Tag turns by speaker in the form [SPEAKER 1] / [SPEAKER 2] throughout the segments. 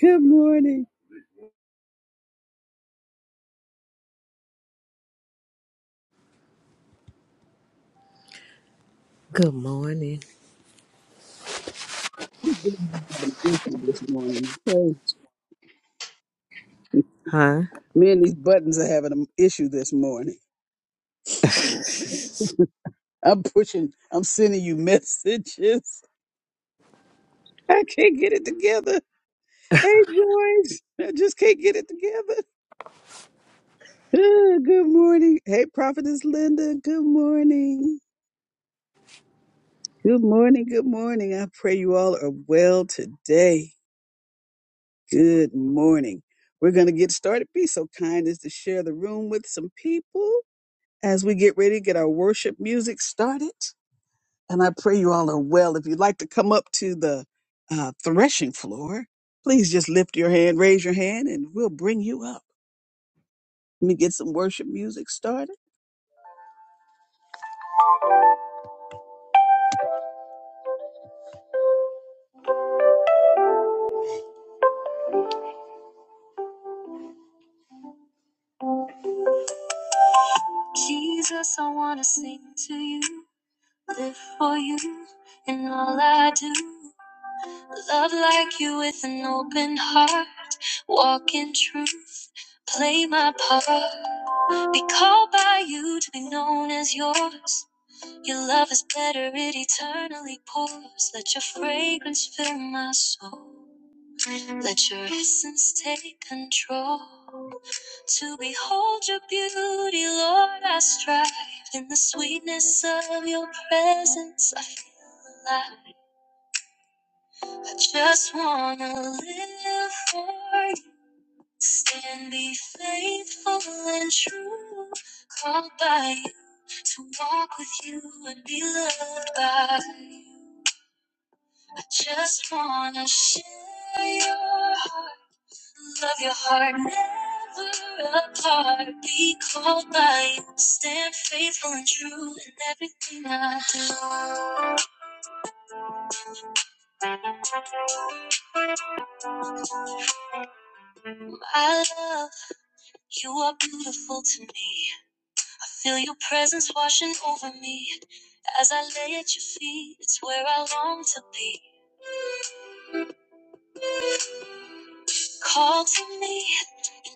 [SPEAKER 1] Good morning.
[SPEAKER 2] Good morning.
[SPEAKER 1] These buttons are having an issue this morning. Okay.
[SPEAKER 2] Huh?
[SPEAKER 1] Me and these buttons are having an issue this morning. I'm pushing, I'm sending you messages. I can't get it together. Hey, George. I just can't get it together. Ah, Good morning. Hey, Prophetess Linda. Good morning. Good morning. Good morning. I pray you all are well today. Good morning. We're going to get started. Be so kind as to share the room with some people. as we get ready to get our worship music started. And I pray you all are well. If you'd like to come up to the uh, threshing floor, please just lift your hand, raise your hand, and we'll bring you up. Let me get some worship music started. Jesus, I want to sing to you, live for you, in all I do. Love like you with an open heart, walk in truth, play my part. Be called by you to be known as yours. Your love is better, it eternally pours. Let your fragrance fill my soul. Let your essence take control. To behold your beauty, Lord, I strive. In the sweetness of your presence, I feel alive. I just wanna live for you. Stand, be faithful and true. Called by you to walk with you and be loved by you. I Just wanna share your heart, love your heart, never apart. Be called by you, stand faithful and true in everything I do. My love, you are beautiful to me. I feel your presence washing over me. As I lay at your feet, it's where I long to be. Call to me.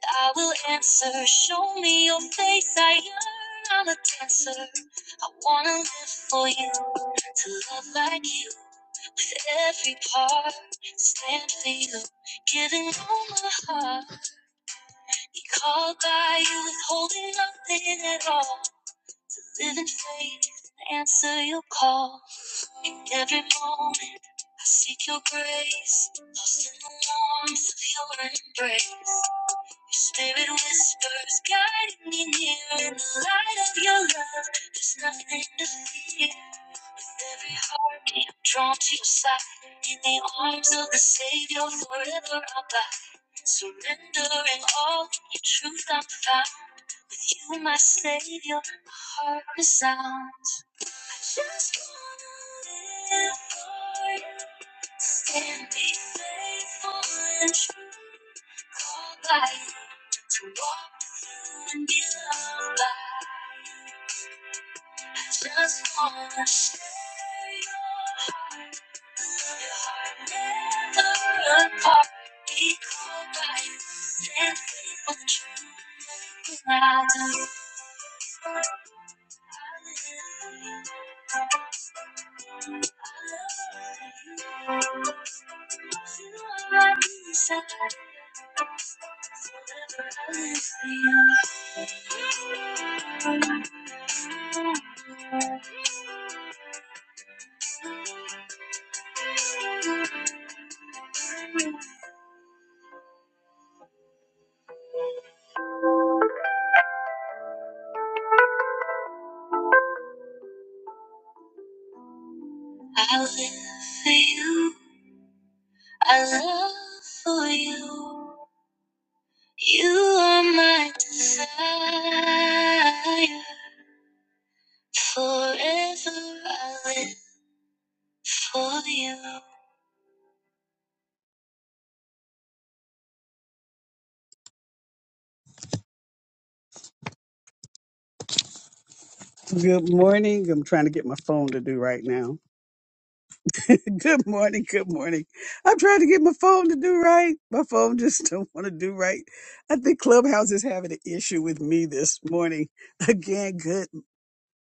[SPEAKER 1] I will answer. Show me your face. I yearn. I'm a dancer. I wanna live for you. To love like you. With every part. Stand for you. Giving all my heart. Be called by you. Withholding nothing at all. Live in faith. Answer your call. In every moment. I seek your grace. Lost in the warmth of your embrace. Spirit whispers, guiding me near in the light of your love. There's nothing to fear. With every heartbeat, I'm drawn to your side. In the arms of the Savior, forever I'll abide. Surrendering all in your truth, I'm found. With you, my Savior, my heart resounds. Just gonna live for you. Stand, be faithful and true. Called by you to walk with you and be loved by you. I Just wanna share your heart. Your heart never apart. Be called by you. Stand faithful and true. Everything I do, I live. I live for you. I love for you. You are my desire. Forever I live for you. Good morning. I'm trying to get my phone to do right now. good morning. Good morning. I'm trying to get my phone to do right. My phone just don't want to do right. I think Clubhouse is having an issue with me this morning. Again, good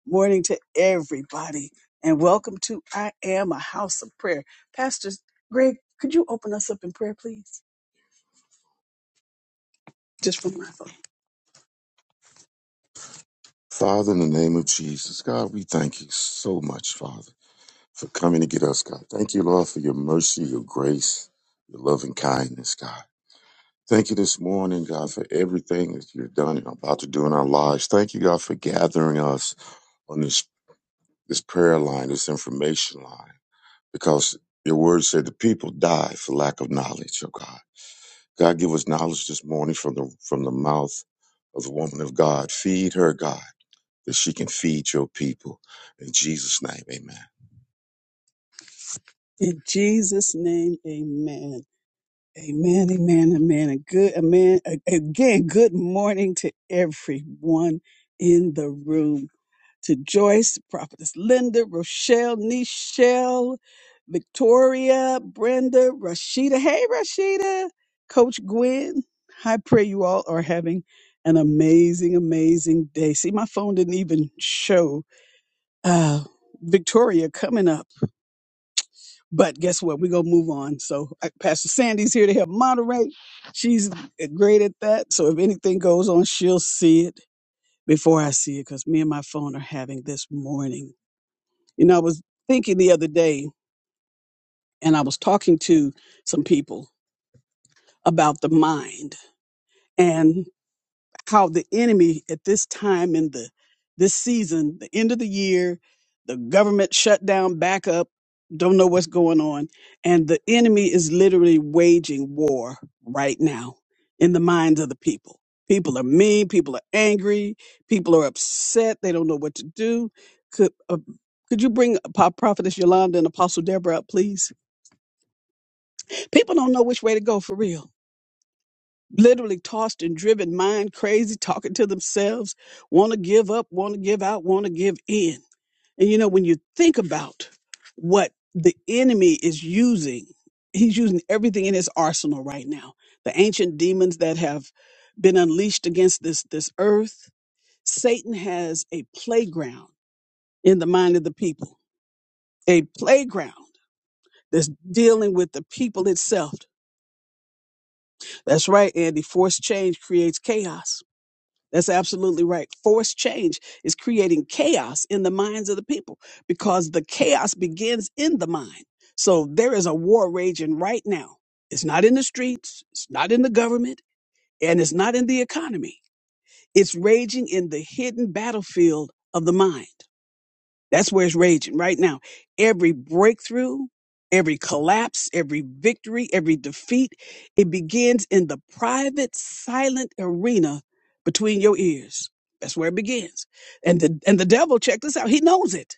[SPEAKER 1] morning to everybody and welcome to I Am a House of Prayer. Pastor Greg, could you open us up in prayer, please? Just from my phone. Father, in the name of Jesus, God, we thank you so much, Father, for coming to get us, God. Thank you, Lord, for your mercy, your grace, your loving kindness, God. Thank you this morning, God, for everything that you've done and about to do in our lives. Thank you, God, for gathering us on this, this prayer line, this information line, because your word said the people die for lack of knowledge, oh God. God, give us knowledge this morning from the, from the mouth of the woman of God. Feed her, God, that she can feed your people. In Jesus' name, amen. In Jesus' name, amen. Amen, amen, amen. A good, amen. A- Again, good morning to everyone in the room. To Joyce, Prophetess Linda, Rochelle, Nichelle, Victoria, Brenda, Rashida. Hey, Rashida. Coach Gwen. I pray you all are having an amazing, amazing day. See, my phone didn't even show uh, Victoria coming up. But guess what? We're going to move on. So uh, Pastor Sandy's here to help moderate. She's great at that. So if anything goes on, she'll see it before I see it because me and my phone are having this morning. You know, I was thinking the other day and I was talking to some people about the mind. and. how the enemy at this time in the this season, the end of the year, the government shut down back up, don't know what's going on, and the enemy is literally waging war right now in the minds of the people. People are mean, people are angry, people are upset, they don't know what to do. Could uh, could you bring Pop Prophetess Yolanda and Apostle Deborah up, please? People don't know which way to go for real literally tossed and driven, mind crazy, talking to themselves, want to give up, want to give out, want to give in. And you know, when you think about what the enemy is using, he's using everything in his arsenal right now. The ancient demons that have been unleashed against this this earth, Satan has a playground in the mind of the people. A playground that's dealing with the people itself. That's right, Andy. Forced change creates chaos That's absolutely right. Forced change is creating chaos in the minds of the people because the chaos begins in the mind. So there is a war raging right now. It's not in the streets, it's not in the government, and it's not in the economy. It's raging in the hidden battlefield of the mind. That's where it's raging right now. Every breakthrough, every collapse, every victory, every defeat, it begins in the private, silent arena between your ears. That's where it begins. And the and the devil, check this out, he knows it,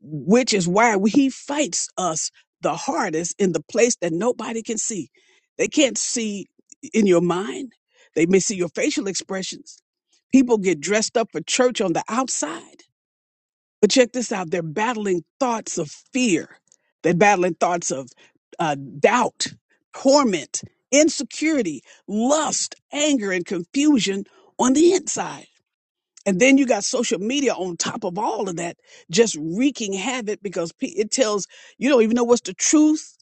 [SPEAKER 1] which is why we- he fights us the hardest in the place that nobody can see. They can't see in your mind. They may see your facial expressions. People get dressed up for church on the outside but check this out they're battling thoughts of fear, they're battling thoughts of uh, doubt, torment, insecurity, lust, anger, and confusion on the inside. And then you got social media on top of all of that, just wreaking havoc because pe- it tells you don't even know what's the truth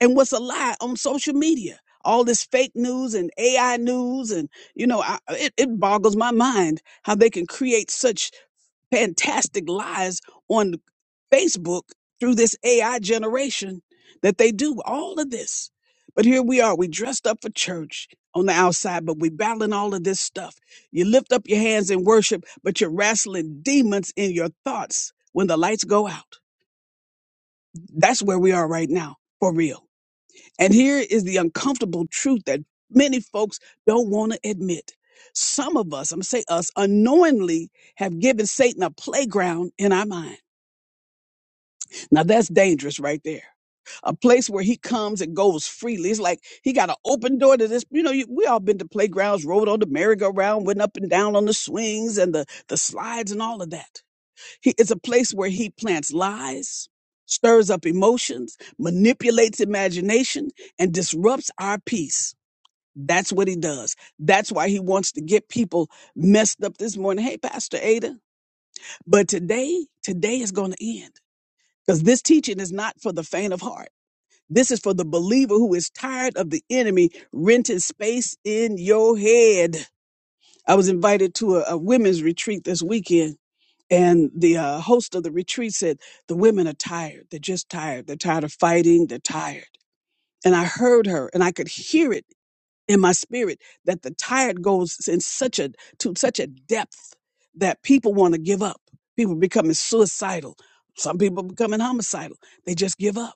[SPEAKER 1] and what's a lie on social media. All this fake news and AI news, and you know, I, it, it boggles my mind how they can create such fantastic lies on Facebook through this AI generation that they do all of this. But here we are, we dressed up for church on the outside, but we battling all of this stuff. You lift up your hands in worship, but you're wrestling demons in your thoughts when the lights go out. That's where we are right now, for real. And here is the uncomfortable truth that many folks don't want to admit. Some of us, I'm gonna say us, unknowingly have given Satan a playground in our mind Now that's dangerous right there. A place where he comes and goes freely. It's like he got an open door to this. You know, you, we all been to playgrounds, rode on the merry-go-round, went up and down on the swings and the, the slides and all of that. He, it's a place where he plants lies, stirs up emotions, manipulates imagination, and disrupts our peace. That's what he does. That's why he wants to get people messed up this morning. Hey, Pastor Ada, but today, today is going to end because this teaching is not for the faint of heart. This is for the believer who is tired of the enemy renting space in your head. I was invited to a, a women's retreat this weekend, and the uh, host of the retreat said, The women are tired. They're just tired. They're tired of fighting. They're tired. And I heard her, and I could hear it in my spirit that the tired goes in such a to such a depth that people want to give up. People becoming suicidal. Some people becoming homicidal. They just give up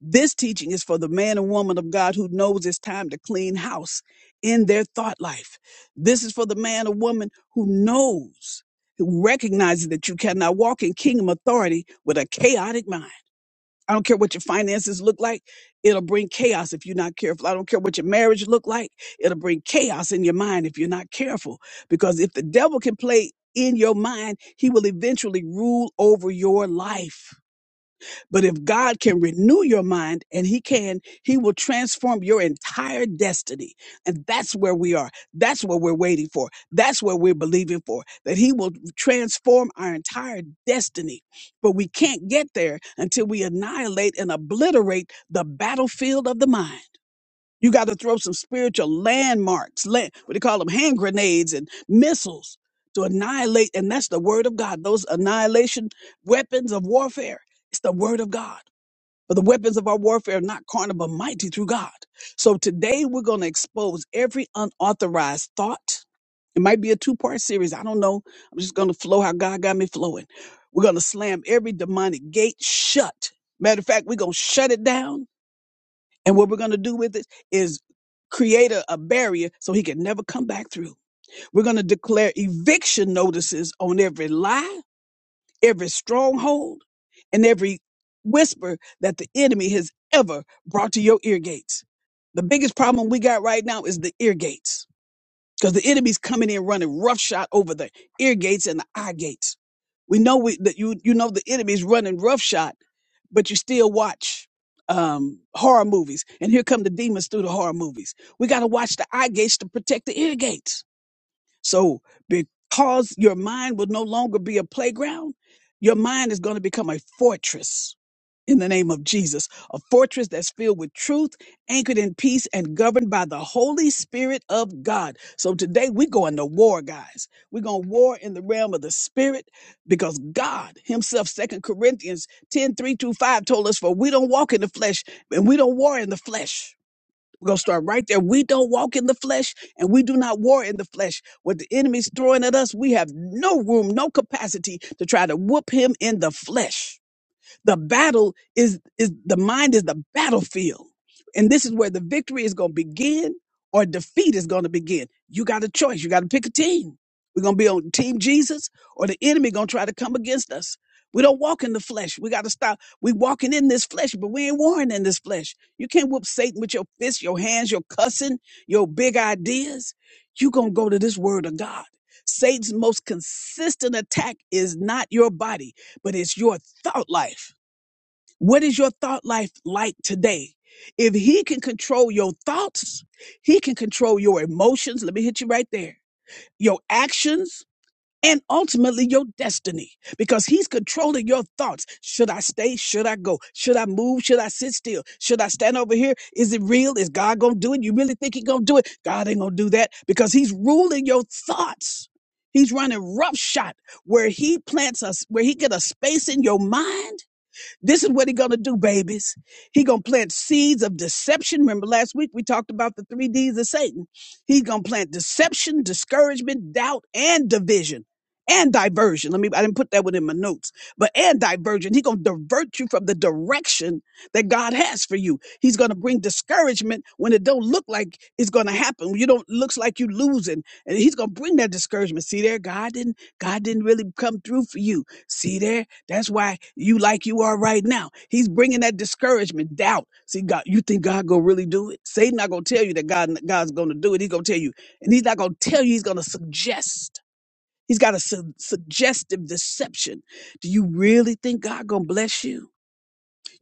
[SPEAKER 1] this teaching is for the man and woman of God who knows it's time to clean house in their thought life. This is for the man or woman who knows, who recognizes that you cannot walk in kingdom authority with a chaotic mind. I don't care what your finances look like. It'll bring chaos if you're not careful. I don't care what your marriage look like. It'll bring chaos in your mind if you're not careful. Because if the devil can play in your mind, he will eventually rule over your life. But if God can renew your mind and He can, He will transform your entire destiny. And that's where we are. That's what we're waiting for. That's what we're believing for, that He will transform our entire destiny. But we can't get there until we annihilate and obliterate the battlefield of the mind. You got to throw some spiritual landmarks, land, what they call them, hand grenades and missiles to annihilate. And that's the word of God, those annihilation weapons of warfare. It's the word of God. But the weapons of our warfare are not carnal, but mighty through God. So today we're going to expose every unauthorized thought. It might be a two part series. I don't know. I'm just going to flow how God got me flowing. We're going to slam every demonic gate shut. Matter of fact, we're going to shut it down. And what we're going to do with it is create a, a barrier so he can never come back through. We're going to declare eviction notices on every lie every stronghold and every whisper that the enemy has ever brought to your ear gates. The biggest problem we got right now is the ear gates because the enemy's coming in running roughshod over the ear gates and the eye gates. We know we, that you you know the enemy's running roughshod, but you still watch um, horror movies, and here come the demons through the horror movies. We got to watch the eye gates to protect the ear gates so, because your mind will no longer be a playground, your mind is going to become a fortress in the name of Jesus, a fortress that's filled with truth, anchored in peace, and governed by the Holy Spirit of God. So today we are going to war, guys. We're going to war in the realm of the spirit because God himself, Second Corinthians 10, three through 5 told us, for we don't walk in the flesh and we don't war in the flesh we're going to start right there. We don't walk in the flesh and we do not war in the flesh. What the enemy's throwing at us, we have no room, no capacity to try to whoop him in the flesh. The battle is is the mind is the battlefield. And this is where the victory is going to begin or defeat is going to begin. You got a choice. You got to pick a team. We're going to be on team Jesus or the enemy going to try to come against us. We don't walk in the flesh. We got to stop. We walking in this flesh, but we ain't warring in this flesh. You can't whoop Satan with your fists, your hands, your cussing, your big ideas. you going to go to this word of God. Satan's most consistent attack is not your body, but it's your thought life. What is your thought life like today? If he can control your thoughts, he can control your emotions. Let me hit you right there. Your actions and ultimately your destiny because he's controlling your thoughts. Should I stay? Should I go? Should I move? Should I sit still? Should I stand over here? Is it real? Is God going to do it? You really think he's going to do it? God ain't going to do that because he's ruling your thoughts. He's running roughshod where he plants us, where he get a space in your mind this is what he gonna do, babies. He gonna plant seeds of deception. Remember last week we talked about the three D's of Satan. He's gonna plant deception, discouragement, doubt, and division. And diversion. Let me, I didn't put that one in my notes, but and diversion. He's going to divert you from the direction that God has for you. He's going to bring discouragement when it don't look like it's going to happen. When you don't, looks like you losing. And he's going to bring that discouragement. See there, God didn't, God didn't really come through for you. See there, that's why you like you are right now. He's bringing that discouragement, doubt. See, God, you think God gonna really do it? Satan not gonna tell you that God God's gonna do it. He's gonna tell you, and he's not gonna tell you. He's gonna suggest. He's got a su- suggestive deception. Do you really think God gonna bless you?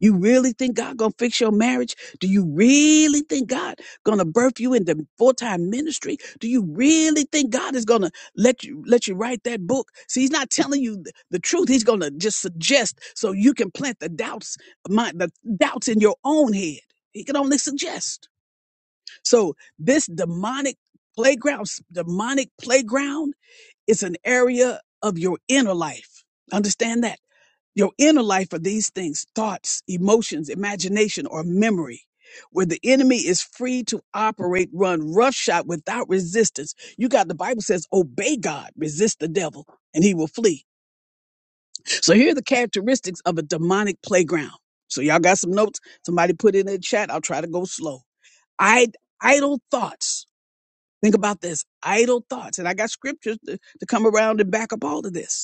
[SPEAKER 1] You really think God gonna fix your marriage? Do you really think God gonna birth you into full-time ministry? Do you really think God is gonna let you let you write that book? See, he's not telling you th- the truth. He's gonna just suggest so you can plant the doubts, mind the doubts in your own head. He can only suggest. So this demonic playground, s- demonic playground is an area of your inner life. Understand that? Your inner life are these things thoughts, emotions, imagination, or memory, where the enemy is free to operate, run roughshod without resistance. You got the Bible says, obey God, resist the devil, and he will flee. So here are the characteristics of a demonic playground. So y'all got some notes? Somebody put it in the chat. I'll try to go slow. I idle thoughts. Think about this. Idle thoughts. And I got scriptures to, to come around and back up all of this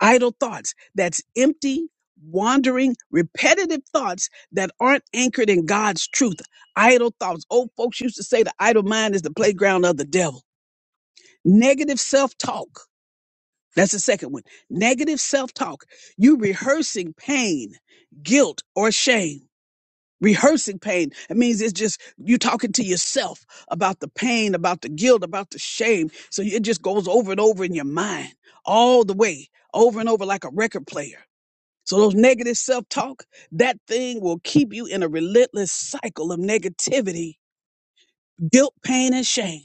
[SPEAKER 1] idle thoughts. That's empty, wandering, repetitive thoughts that aren't anchored in God's truth. Idle thoughts. Old folks used to say the idle mind is the playground of the devil. Negative self talk. That's the second one. Negative self talk. You rehearsing pain, guilt, or shame. Rehearsing pain. It means it's just you talking to yourself about the pain, about the guilt, about the shame. So it just goes over and over in your mind all the way, over and over like a record player so those negative self-talk, that thing will keep you in a relentless cycle of negativity, guilt, pain, and shame.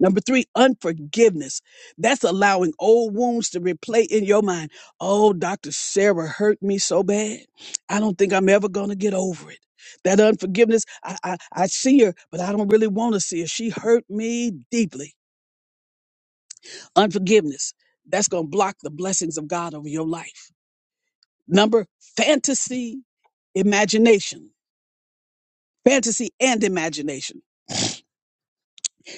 [SPEAKER 1] Number three, unforgiveness. That's allowing old wounds to replay in your mind. Oh, Dr. Sarah hurt me so bad. I don't think I'm ever going to get over it. That unforgiveness, I, I, I see her, but I don't really want to see her. She hurt me deeply. Unforgiveness, that's going to block the blessings of God over your life. Number, fantasy, imagination fantasy and imagination.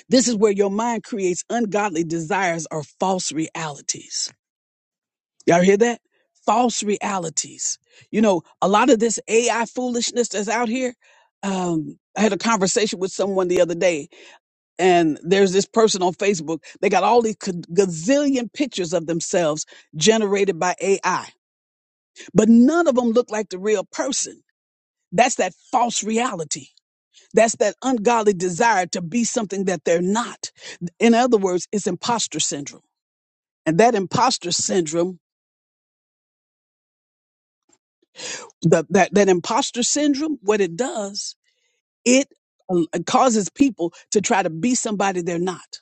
[SPEAKER 1] This is where your mind creates ungodly desires or false realities. Y'all hear that? False realities. You know, a lot of this AI foolishness that's out here. Um, I had a conversation with someone the other day, and there's this person on Facebook. They got all these ca- gazillion pictures of themselves generated by AI, but none of them look like the real person. That's that false reality That's that ungodly desire to be something that they're not. In other words, it's imposter syndrome. And that imposter syndrome, the, that, that imposter syndrome, what it does, it uh, causes people to try to be somebody they're not,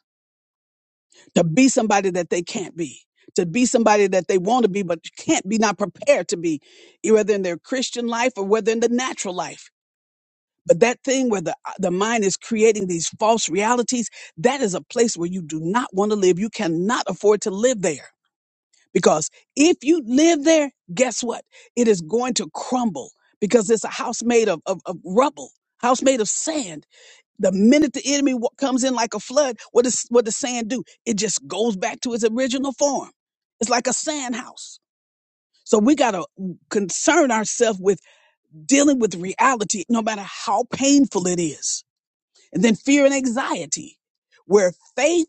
[SPEAKER 1] to be somebody that they can't be, to be somebody that they want to be, but can't be, not prepared to be, whether in their Christian life or whether in the natural life But that thing where the, the mind is creating these false realities, that is a place where you do not want to live. You cannot afford to live there because if you live there, guess what? It is going to crumble because it's a house made of, of, of rubble, house made of sand. The minute the enemy wa- comes in like a flood, what does, what does sand do? It just goes back to its original form. It's like a sand house. So we got to concern ourselves with dealing with reality, no matter how painful it is and then fear and anxiety, where faith,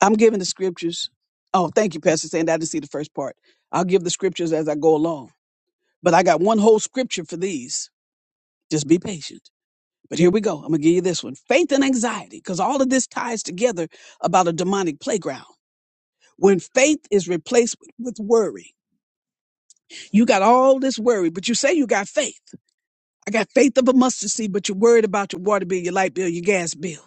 [SPEAKER 1] I'm giving the scriptures. Oh, thank you, Pastor Sandy. I didn't see the first part. I'll give the scriptures as I go along. But I got one whole scripture for these. Just be patient. But here we go. I'm going to give you this one faith and anxiety, because all of this ties together about a demonic playground. When faith is replaced with with worry, you got all this worry, but you say you got faith. I got faith of a mustard seed, but you're worried about your water bill, your light bill, your gas bill.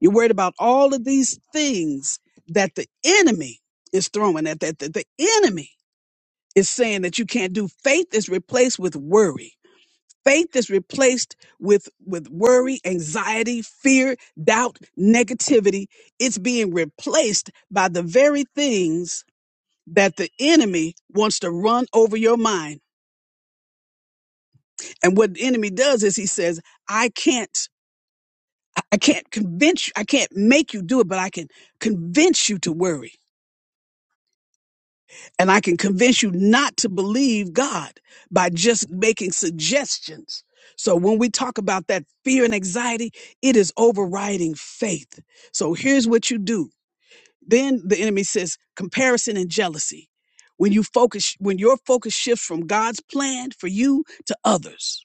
[SPEAKER 1] You're worried about all of these things that the enemy is throwing at that, that the enemy is saying that you can't do. Faith is replaced with worry. Faith is replaced with, with worry, anxiety, fear, doubt, negativity. It's being replaced by the very things that the enemy wants to run over your mind. And what the enemy does is he says, I can't, I I can't convince you, I can't make you do it, but I can convince you to worry. And I can convince you not to believe God by just making suggestions. So when we talk about that fear and anxiety, it is overriding faith. So here's what you do. Then the enemy says comparison and jealousy. When you focus, when your focus shifts from God's plan for you to others.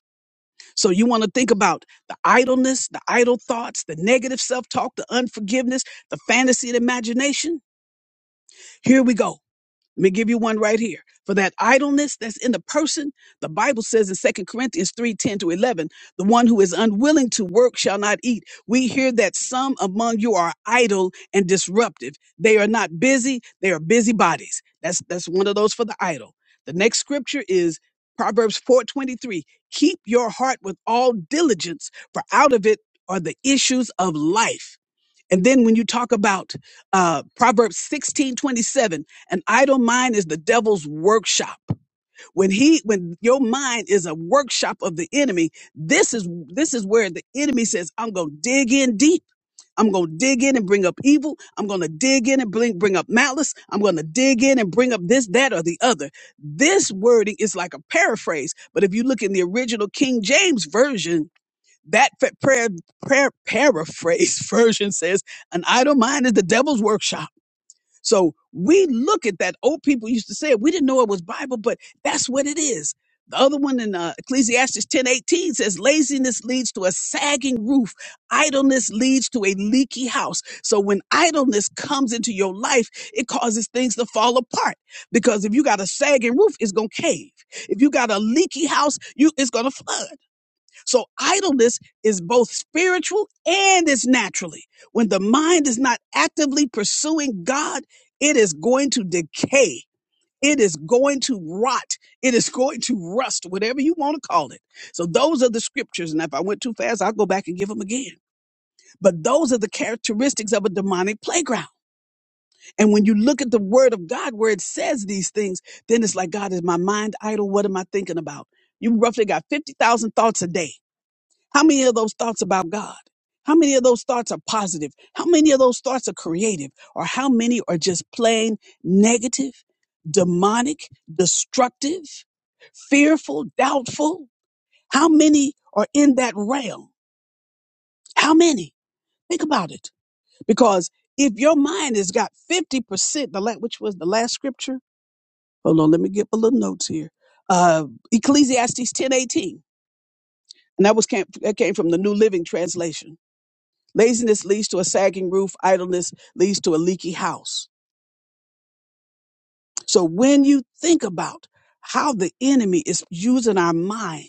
[SPEAKER 1] So you want to think about the idleness, the idle thoughts, the negative self-talk, the unforgiveness, the fantasy and imagination. Here we go let me give you one right here. For that idleness that's in the person, the Bible says in Second Corinthians three ten to 11, the one who is unwilling to work shall not eat. We hear that some among you are idle and disruptive. They are not busy, they are busybodies. That's, that's one of those for the idle. The next scripture is Proverbs four twenty three. Keep your heart with all diligence, for out of it are the issues of life. And then when you talk about uh, Proverbs 16 27, an idle mind is the devil's workshop. When he, when your mind is a workshop of the enemy, this is, this is where the enemy says, I'm going to dig in deep. I'm going to dig in and bring up evil. I'm going to dig in and bring, bring up malice. I'm going to dig in and bring up this, that, or the other. This wording is like a paraphrase. But if you look in the original King James version, that fa- prayer, prayer paraphrase version says, an idle mind is the devil's workshop. So we look at that. Old people used to say it. We didn't know it was Bible, but that's what it is. The other one in uh, Ecclesiastes ten eighteen says, laziness leads to a sagging roof. Idleness leads to a leaky house. So when idleness comes into your life, it causes things to fall apart because if you got a sagging roof, it's going to cave. If you got a leaky house, you, it's going to flood. So idleness is both spiritual and it's naturally. When the mind is not actively pursuing God, it is going to decay. It is going to rot. It is going to rust, whatever you want to call it. So those are the scriptures. And if I went too fast, I'll go back and give them again. But those are the characteristics of a demonic playground. And when you look at the word of God where it says these things, then it's like, God, is my mind idle? What am I thinking about? You roughly got 50,000 thoughts a day. How many of those thoughts about God? How many of those thoughts are positive? How many of those thoughts are creative? Or how many are just plain negative, demonic, destructive, fearful, doubtful? How many are in that realm? How many? Think about it. Because if your mind has got 50%, the la- which was the last scripture, hold on, let me get my little notes here. Uh, Ecclesiastes ten eighteen, And that was came, that came from the New Living Translation Laziness leads to a sagging roof, idleness leads to a leaky house. So when you think about how the enemy is using our mind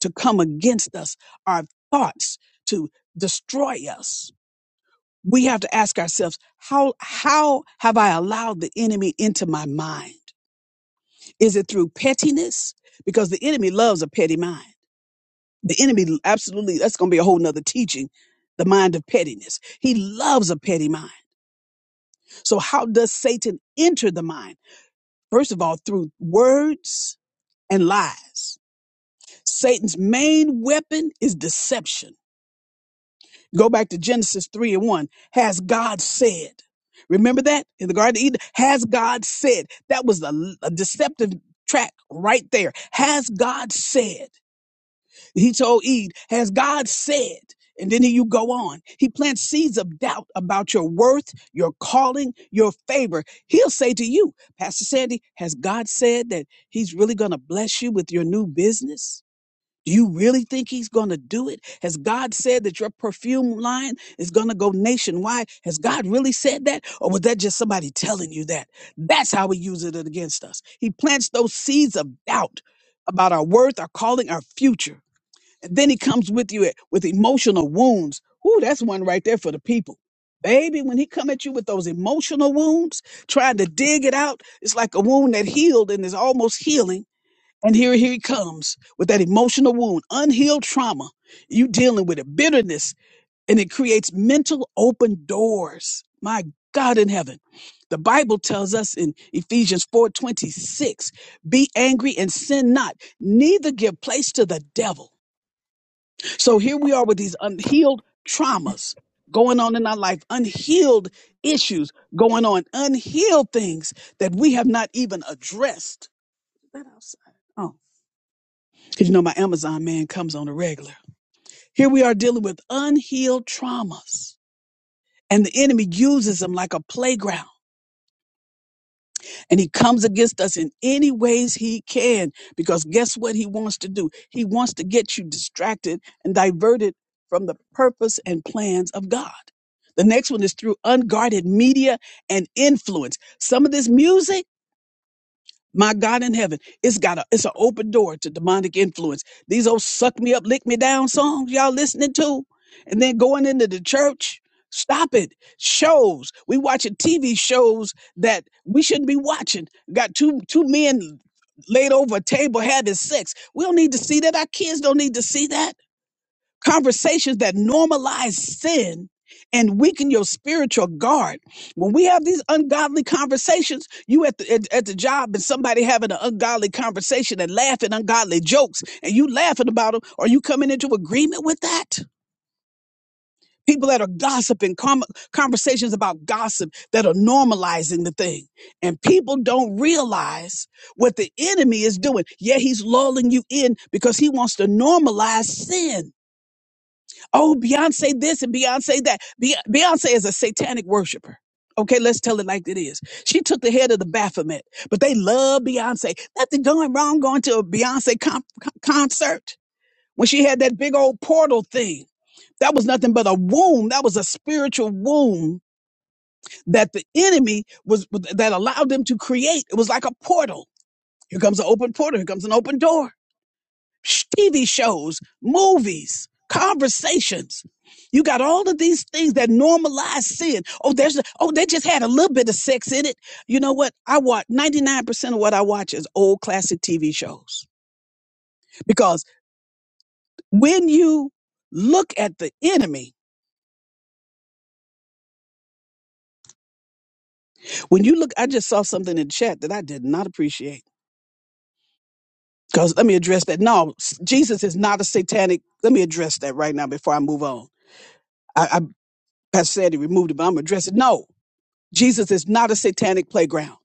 [SPEAKER 1] to come against us, our thoughts to destroy us, we have to ask ourselves, how, how have I allowed the enemy into my mind? Is it through pettiness? Because the enemy loves a petty mind. The enemy absolutely, that's going to be a whole nother teaching, the mind of pettiness. He loves a petty mind. So, how does Satan enter the mind? First of all, through words and lies. Satan's main weapon is deception. Go back to Genesis 3 and 1. Has God said? Remember that in the Garden of Eden? Has God said? That was a, a deceptive track right there. Has God said? He told Eve, Has God said? And then you go on. He plants seeds of doubt about your worth, your calling, your favor. He'll say to you, Pastor Sandy, has God said that He's really going to bless you with your new business? Do you really think He's going to do it? Has God said that your perfume line is going to go nationwide? Has God really said that? Or was that just somebody telling you that? That's how He uses it against us. He plants those seeds of doubt about our worth, our calling, our future. And then he comes with you with emotional wounds. Ooh, that's one right there for the people. Baby, when he come at you with those emotional wounds, trying to dig it out, it's like a wound that healed and is almost healing. And here, here he comes with that emotional wound, unhealed trauma. You dealing with it, bitterness, and it creates mental open doors. My God in heaven. The Bible tells us in Ephesians 4:26, be angry and sin not, neither give place to the devil. So here we are with these unhealed traumas going on in our life, unhealed issues going on, unhealed things that we have not even addressed. Is that outside? Oh, because you know my Amazon man comes on a regular. Here we are dealing with unhealed traumas, and the enemy uses them like a playground and he comes against us in any ways he can because guess what he wants to do he wants to get you distracted and diverted from the purpose and plans of god the next one is through unguarded media and influence some of this music my God in heaven, it's got a it's an open door to demonic influence. These old suck me up, lick me down songs y'all listening to, and then going into the church. Stop it. Shows. We watching TV shows that we shouldn't be watching. Got two two men laid over a table having sex. We don't need to see that. Our kids don't need to see that conversations that normalize sin and weaken your spiritual guard. When we have these ungodly conversations, you at the at, at the job and somebody having an ungodly conversation and laughing ungodly jokes, and you laughing about them, are you coming into agreement with that? People that are gossiping, com- conversations about gossip that are normalizing the thing. And people don't realize what the enemy is doing. Yeah, he's lulling you in because he wants to normalize sin Oh, Beyonce this and Beyonce that. Be- Beyonce is a satanic worshiper. Okay, let's tell it like it is. She took the head of the Baphomet, but they love Beyonce. Nothing going wrong going to a Beyonce con- con- concert when she had that big old portal thing. That was nothing but a womb. That was a spiritual womb that the enemy was that allowed them to create. It was like a portal. Here comes an open portal. Here comes an open door sh- TV shows, movies, conversations. You got all of these things that normalize sin. Oh, there's oh, they just had a little bit of sex in it. You know what? I watch 99% of what I watch is old classic TV shows. Because when you look at the enemy, when you look, I just saw something in chat that I did not appreciate. Because let me address that. No, s- Jesus is not a satanic. Let me address that right now before I move on. I, I Pastor said he removed it, but I'm gonna address it. No, Jesus is not a satanic playground.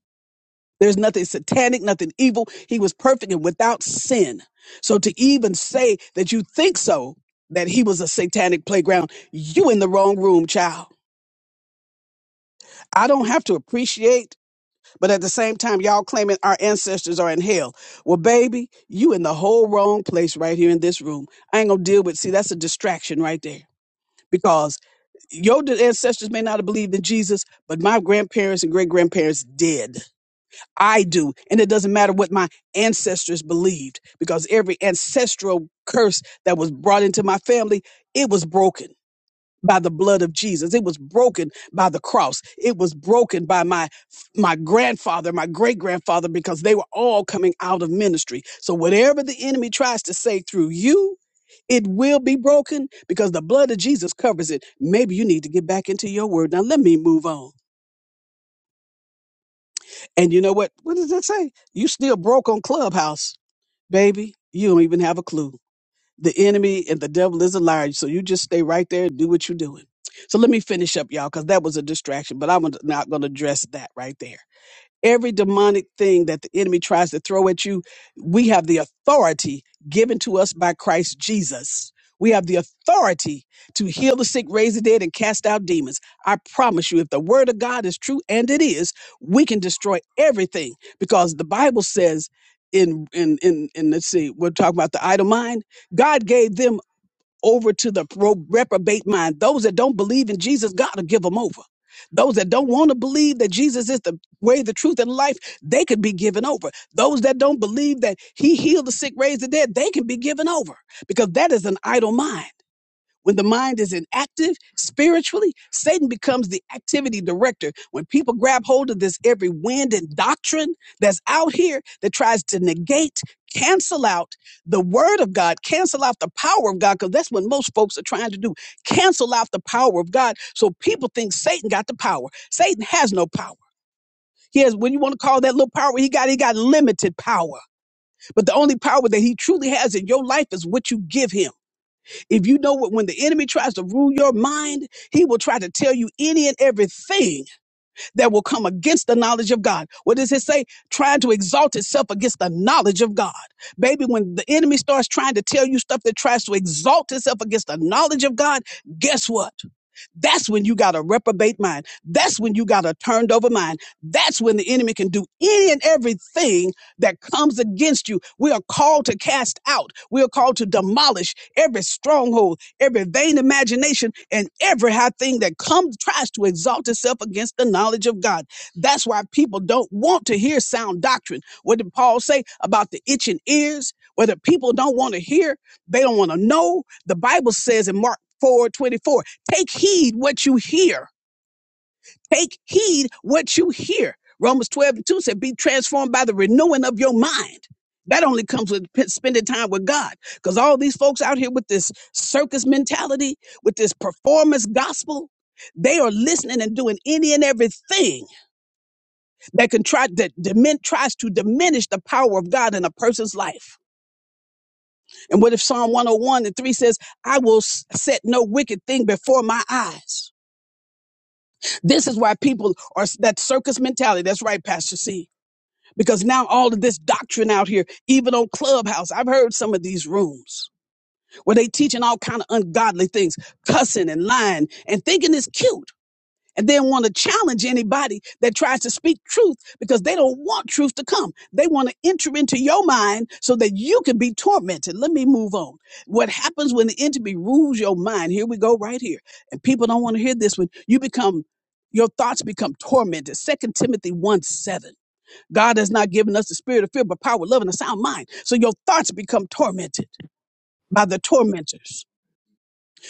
[SPEAKER 1] There's nothing satanic, nothing evil. He was perfect and without sin. So to even say that you think so, that he was a satanic playground, you in the wrong room, child. I don't have to appreciate, but at the same time, y'all claiming our ancestors are in hell. Well, baby, you in the whole wrong place right here in this room. I ain't gonna deal with, see, that's a distraction right there because your ancestors may not have believed in Jesus, but my grandparents and great grandparents did. I do. And it doesn't matter what my ancestors believed because every ancestral curse that was brought into my family, it was broken by the blood of Jesus. It was broken by the cross. It was broken by my my grandfather, my great-grandfather because they were all coming out of ministry. So whatever the enemy tries to say through you, it will be broken because the blood of Jesus covers it. Maybe you need to get back into your word. Now let me move on. And you know what? What does that say? You still broke on Clubhouse Baby, you don't even have a clue. The enemy and the devil is a liar, so you just stay right there and do what you're doing. So let me finish up, y'all, because that was a distraction, but I'm not going to address that right there. Every demonic thing that the enemy tries to throw at you, we have the authority given to us by Christ Jesus. We have the authority to heal the sick, raise the dead, and cast out demons. I promise you, if the word of God is true, and it is, we can destroy everything because the Bible says, in in in in let's see, we're talking about the idle mind. God gave them over to the pro- reprobate mind. Those that don't believe in Jesus, God will give them over. Those that don't want to believe that Jesus is the way, the truth, and life, they could be given over. Those that don't believe that He healed the sick, raised the dead, they can be given over because that is an idle mind. When the mind is inactive spiritually, Satan becomes the activity director. When people grab hold of this every wind and doctrine that's out here that tries to negate, cancel out the word of God, cancel out the power of God, because that's what most folks are trying to do cancel out the power of God. So people think Satan got the power. Satan has no power. He has, when you want to call that little power he got, he got limited power. But the only power that he truly has in your life is what you give him. If you know what, when the enemy tries to rule your mind, he will try to tell you any and everything that will come against the knowledge of God. What does it say? Trying to exalt itself against the knowledge of God. Baby, when the enemy starts trying to tell you stuff that tries to exalt itself against the knowledge of God, guess what? That's when you got a reprobate mind. That's when you got a turned over mind. That's when the enemy can do any and everything that comes against you. We are called to cast out. We are called to demolish every stronghold, every vain imagination, and every high thing that comes tries to exalt itself against the knowledge of God. That's why people don't want to hear sound doctrine. What did Paul say about the itching ears? Whether people don't want to hear, they don't want to know. The Bible says in Mark four twenty four. Take heed what you hear. Take heed what you hear. Romans 12 and 2 said, Be transformed by the renewing of your mind. That only comes with p- spending time with God. Because all these folks out here with this circus mentality, with this performance gospel, they are listening and doing any and everything that can try that dimin- tries to diminish the power of God in a person's life. And what if Psalm 101 and 3 says, I will s- set no wicked thing before my eyes? This is why people are that circus mentality. That's right, Pastor C. Because now all of this doctrine out here, even on Clubhouse, I've heard some of these rooms where they teaching all kind of ungodly things, cussing and lying and thinking it's cute and they want to challenge anybody that tries to speak truth because they don't want truth to come. They want to enter into your mind so that you can be tormented. Let me move on. What happens when the enemy rules your mind? Here we go right here. And people don't want to hear this one. You become your thoughts become tormented. Second Timothy 1 7. God has not given us the spirit of fear, but power, love, and a sound mind. So your thoughts become tormented by the tormentors.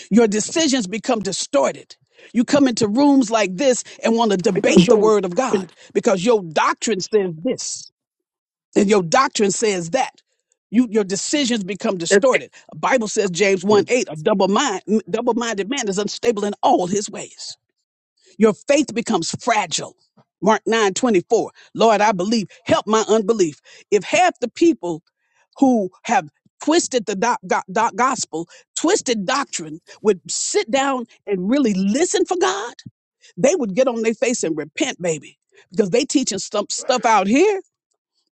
[SPEAKER 1] Your decisions become distorted. You come into rooms like this and want to
[SPEAKER 3] because
[SPEAKER 1] debate the
[SPEAKER 3] your life
[SPEAKER 1] word of
[SPEAKER 3] is
[SPEAKER 1] God because your doctrine says this and your doctrine says that. You, your decisions become
[SPEAKER 3] different.
[SPEAKER 1] distorted. The Bible says James 1 8, a double mind, double-minded man is unstable in all his ways. Your faith becomes fragile. Mark 9 24. Lord, I believe. Help my unbelief. If half the people who have twisted the doc, go- doc- gospel, twisted doctrine, would sit down and really listen for God, they would get on their face and repent, baby, because they teaching stuff, stuff out here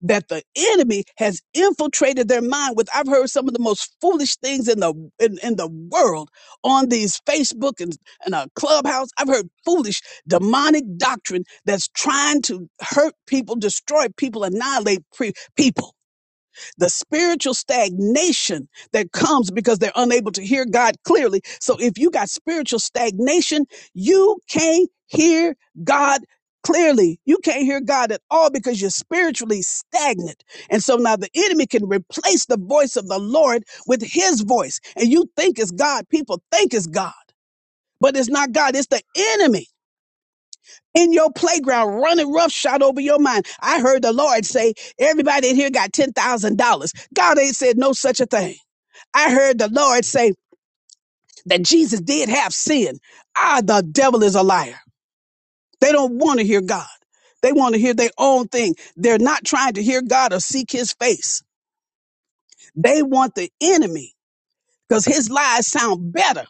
[SPEAKER 1] that the enemy has infiltrated their mind with i've heard some of the most foolish things in the in, in the world on these facebook and, and a clubhouse i've heard foolish demonic doctrine that's trying to hurt people destroy people annihilate pre- people the spiritual stagnation that comes because they're unable to hear God clearly. So if you got spiritual stagnation, you can't hear God clearly. You can't hear God at all because you're spiritually stagnant. And so now the enemy can replace the voice of the Lord with his voice. And you think it's God, people think it's God, but it's not God, it's the enemy in your playground running roughshod over your mind. I heard the Lord say, everybody in here got $10,000. God ain't said no such a thing. I heard the Lord say that Jesus did have sin. Ah, the devil is a liar. They don't want to hear God. They want to hear their own thing. They're not trying to hear God or seek his face. They want the enemy because his lies sound better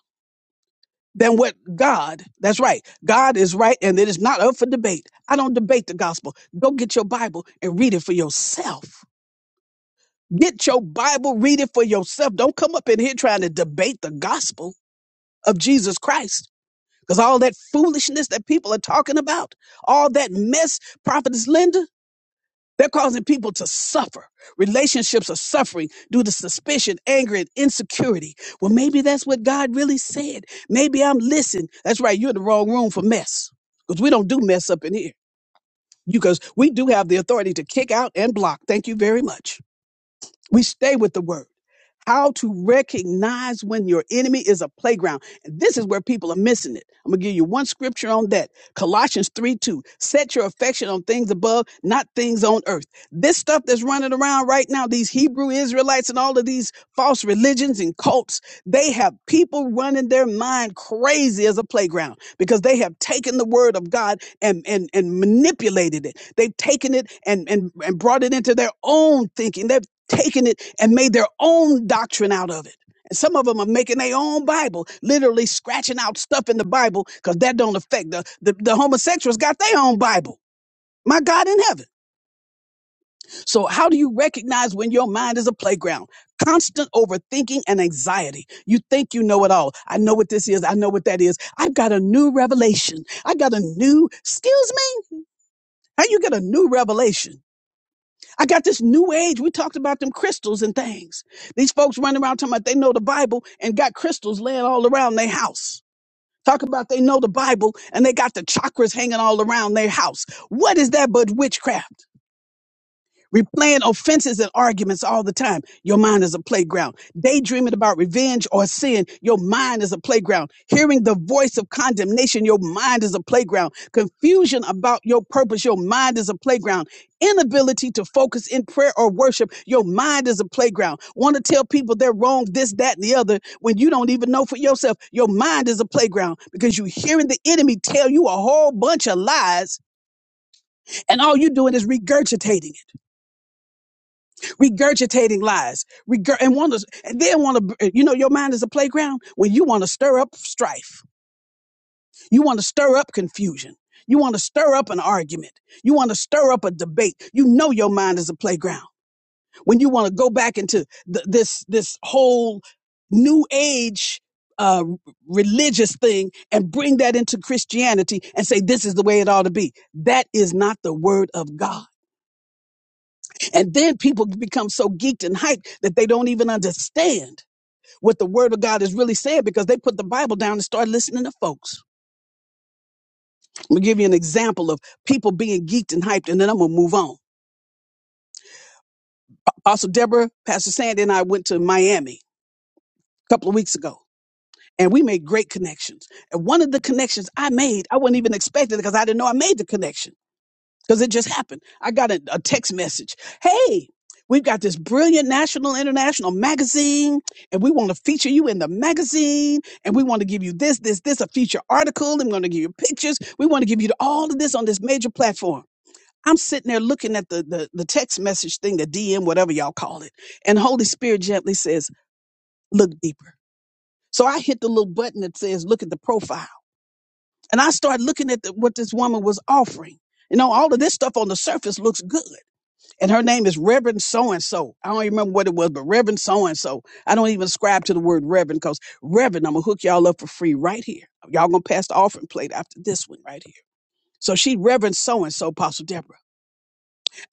[SPEAKER 1] than what God, that's right. God is right and it is not up for debate. I don't debate the gospel. Go get your Bible and read it for yourself. Get your Bible, read it for yourself. Don't come up in here trying to debate the gospel of Jesus Christ. Because all that foolishness that people are talking about, all that mess, Prophetess Linda, they're causing people to suffer. Relationships are suffering due to suspicion, anger, and insecurity. Well, maybe that's what God really said. Maybe I'm listening. That's right. You're in the wrong room for mess because we don't do mess up in here. Because we do have the authority to kick out and block. Thank you very much. We stay with the word how to recognize when your enemy is a playground. And this is where people are missing it. I'm going to give you one scripture on that. Colossians 3 2. Set your affection on things above, not things on earth. This stuff that's running around right now, these Hebrew Israelites and all of these false religions and cults, they have people running their mind crazy as a playground because they have taken the word of God and, and, and manipulated it. They've taken it and, and, and brought it into their own thinking. They've taken it and made their own doctrine out of it. And some of them are making their own Bible, literally scratching out stuff in the Bible because that don't affect the, the the homosexuals got their own Bible. My God in heaven. So how do you recognize when your mind is a playground? Constant overthinking and anxiety. You think you know it all. I know what this is. I know what that is. I've got a new revelation. I got a new, excuse me, how you get a new revelation? I got this new age. We talked about them crystals and things. These folks running around talking about they know the Bible and got crystals laying all around their house. Talk about they know the Bible and they got the chakras hanging all around their house. What is that but witchcraft? replaying offenses and arguments all the time. Your mind is a playground. Daydreaming about revenge or sin. Your mind is a playground. Hearing the voice of condemnation. Your mind is a playground. Confusion about your purpose. Your mind is a playground. Inability to focus in prayer or worship. Your mind is a playground. Want to tell people they're wrong, this, that, and the other, when you don't even know for yourself. Your mind is a playground because you're hearing the enemy tell you a whole bunch of lies, and all you're doing is regurgitating it regurgitating lies, regur- and want to, and then want to, you know, your mind is a playground when you want to stir up strife, you want to stir up confusion, you want to stir up an argument, you want to stir up a debate. You know, your mind is a playground when you want to go back into th- this this whole new age uh religious thing and bring that into christianity and say this is the way it ought to be that is not the word of god And then people become so geeked and hyped that they don't even understand what the word of God is really saying because they put the Bible down and start listening to folks. I'm gonna give you an example of people being geeked and hyped, and then I'm gonna move on. Also, Deborah, Pastor Sandy, and I went to Miami a couple of weeks ago, and we made great connections. And one of the connections I made, I wasn't even expecting it because I didn't know I made the connection. because it just happened. I got a, a text message. Hey, we've got this brilliant national international magazine, and we want to feature you in the magazine, and we want to give you this, this, this, a feature article. I'm going to give you pictures. We want to give you all of this on this major platform. I'm sitting there looking at the, the the text message thing, the DM, whatever y'all call it, and Holy Spirit gently says, "Look deeper." So I hit the little button that says, "Look at the profile," and I started looking at the, what this woman was offering. You know, all of this stuff on the surface looks good and her name is Reverend so and so. I don't even remember what it was, but Reverend so and so. I don't even ascribe to the word Reverend because Reverend, I'm gonna hook y'all up for free right here. Y'all gonna pass the offering plate after this one right here. So she Reverend so and so, Apostle Deborah.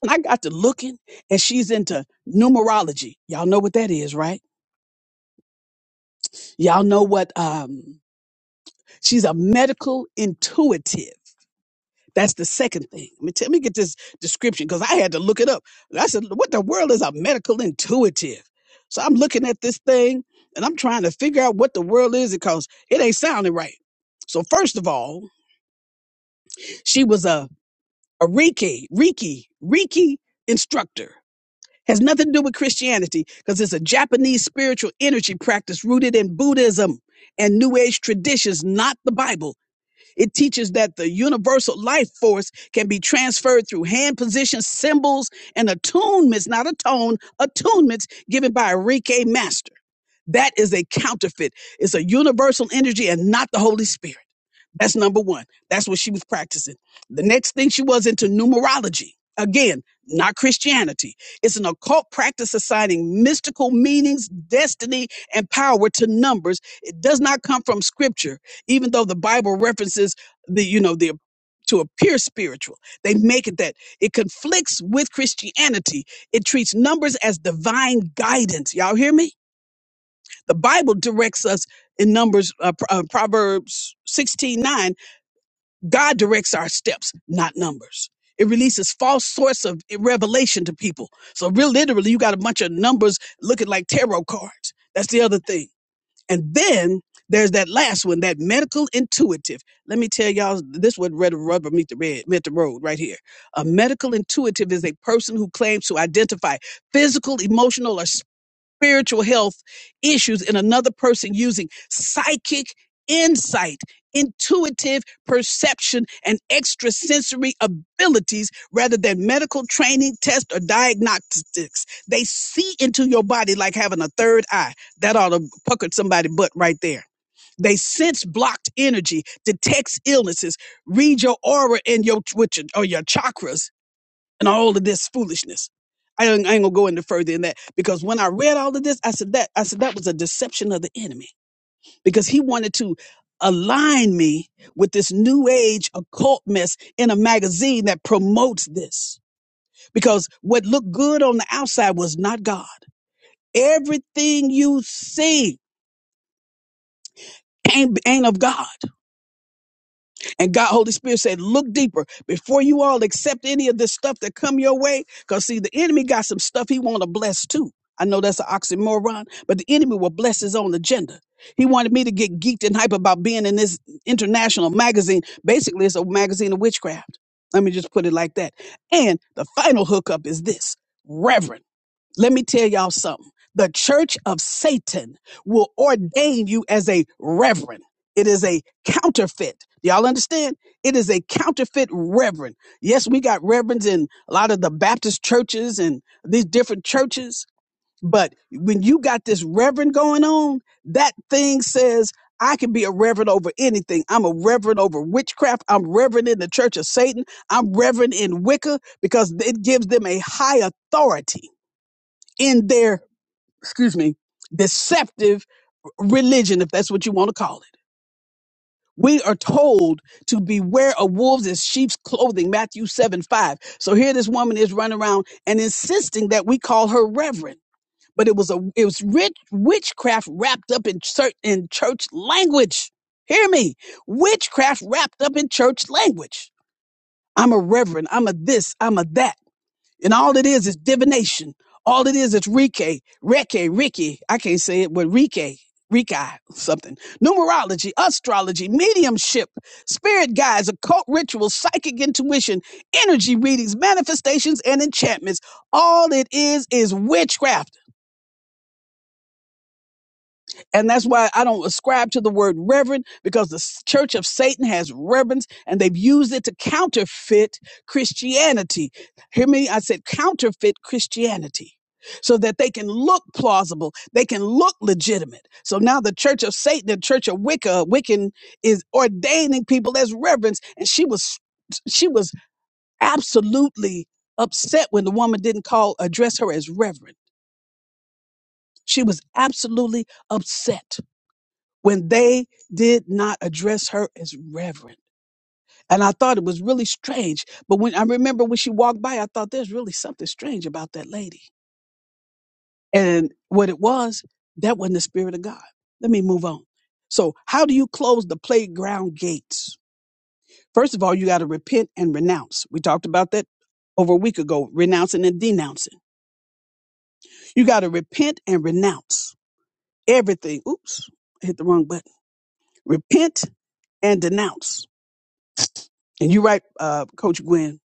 [SPEAKER 1] And I got to looking, and she's into numerology. Y'all know what that is, right? Y'all know what um she's a medical intuitive. That's the second thing. I mean, tell, let me get this description because I had to look it up. I said, what the world is a medical intuitive? So I'm looking at this thing and I'm trying to figure out what the world is because it ain't sounding right. So first of all, she was a, a Reiki, Reiki, Reiki instructor. Has nothing to do with Christianity because it's a Japanese spiritual energy practice rooted in Buddhism and New Age traditions, not the Bible. It teaches that the universal life force can be transferred through hand positions, symbols, and attunements, not a tone, attunements given by a reiki master. That is a counterfeit. It's a universal energy and not the Holy Spirit. That's number one. That's what she was practicing. The next thing she was into numerology. Again, not Christianity. It's an occult practice assigning mystical meanings, destiny, and power to numbers. It does not come from scripture, even though the Bible references the, you know, the to appear spiritual. They make it that it conflicts with Christianity. It treats numbers as divine guidance. Y'all hear me? The Bible directs us in Numbers, uh, Pro- uh, Proverbs sixteen nine. God directs our steps, not numbers. It releases false source of revelation to people. So real literally, you got a bunch of numbers looking like tarot cards. That's the other thing. And then there's that last one, that medical intuitive. Let me tell y'all, this would red rubber meet the red, meet the road right here. A medical intuitive is a person who claims to identify physical, emotional, or spiritual health issues in another person using psychic insight, intuitive perception, and extrasensory abilities rather than medical training, test, or diagnostics. They see into your body like having a third eye. That ought to pucker somebody's butt right there. They sense blocked energy, detects illnesses, read your aura and your with your, or your chakras, and all of this foolishness. I ain't, I ain't gonna go into further than that because when I read all of this, I said that I said that was a deception of the enemy because he wanted to align me with this new age occult mess in a magazine that promotes this because what looked good on the outside was not God. Everything you see ain't, ain't of God. And God, Holy Spirit said, look deeper before you all accept any of this stuff that come your way. Cause see, the enemy got some stuff he want to bless too. I know that's an oxymoron, but the enemy will bless his own agenda. He wanted me to get geeked and hype about being in this international magazine. Basically, it's a magazine of witchcraft. Let me just put it like that. And the final hookup is this. Reverend. Let me tell y'all something. The church of Satan will ordain you as a reverend. It is a counterfeit. Y'all understand? It is a counterfeit reverend. Yes, we got reverends in a lot of the Baptist churches and these different churches. But when you got this reverend going on, that thing says, I can be a reverend over anything. I'm a reverend over witchcraft. I'm reverend in the church of Satan. I'm reverend in Wicca because it gives them a high authority in their, excuse me, deceptive religion, if that's what you want to call it. We are told to beware of wolves in sheep's clothing, Matthew 7 5. So here this woman is running around and insisting that we call her reverend. But it was a it was rich witchcraft wrapped up in church in church language. Hear me. Witchcraft wrapped up in church language. I'm a reverend. I'm a this. I'm a that. And all it is is divination. All it is is Rike, Reke, Ricky. I can't say it, but Rike, Rikai, something. Numerology, astrology, mediumship, spirit guides, occult rituals, psychic intuition, energy readings, manifestations, and enchantments. All it is is witchcraft. And that's why I don't ascribe to the word reverend because the s- Church of Satan has reverends and they've used it to counterfeit Christianity. Hear me? I said counterfeit Christianity so that they can look plausible. They can look legitimate. So now the Church of Satan, the Church of Wicca, Wiccan is ordaining people as reverends. And she was, she was absolutely upset when the woman didn't call, address her as reverend. She was absolutely upset when they did not address her as reverend. And I thought it was really strange. But when I remember when she walked by, I thought there's really something strange about that lady. And what it was, that wasn't the spirit of God. Let me move on. So, how do you close the playground gates? First of all, you got to repent and renounce. We talked about that over a week ago, renouncing and denouncing. You got to repent and renounce everything. Oops, I hit the wrong button. Repent and denounce And you're right, uh, Coach Gwen.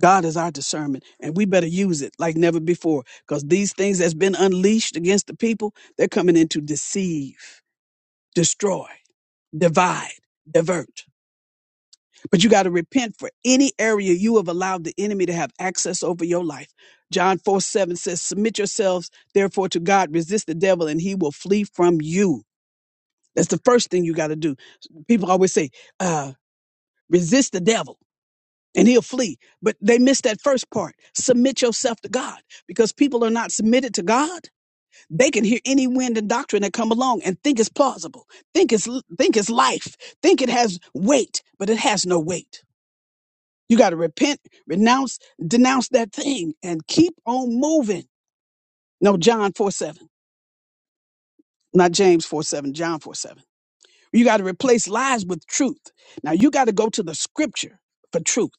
[SPEAKER 1] God is our discernment, and we better use it like never before. Because these things that's been unleashed against the people, they're coming in to deceive, destroy, divide, divert. But you got to repent for any area you have allowed the enemy to have access over your life. John 4 7 says, Submit yourselves, therefore, to God, resist the devil, and he will flee from you. That's the first thing you got to do. People always say, uh, resist the devil. and he'll flee. But they missed that first part. Submit yourself to God because people are not submitted to God. They can hear any wind and doctrine that come along and think it's plausible, think it's think it's life, think it has weight, but it has no weight. You got to repent, renounce, denounce that thing, and keep on moving. No, John 4 7, not James 4 7, John 4 7. You got to replace lies with truth. Now you got to go to the scripture for truth.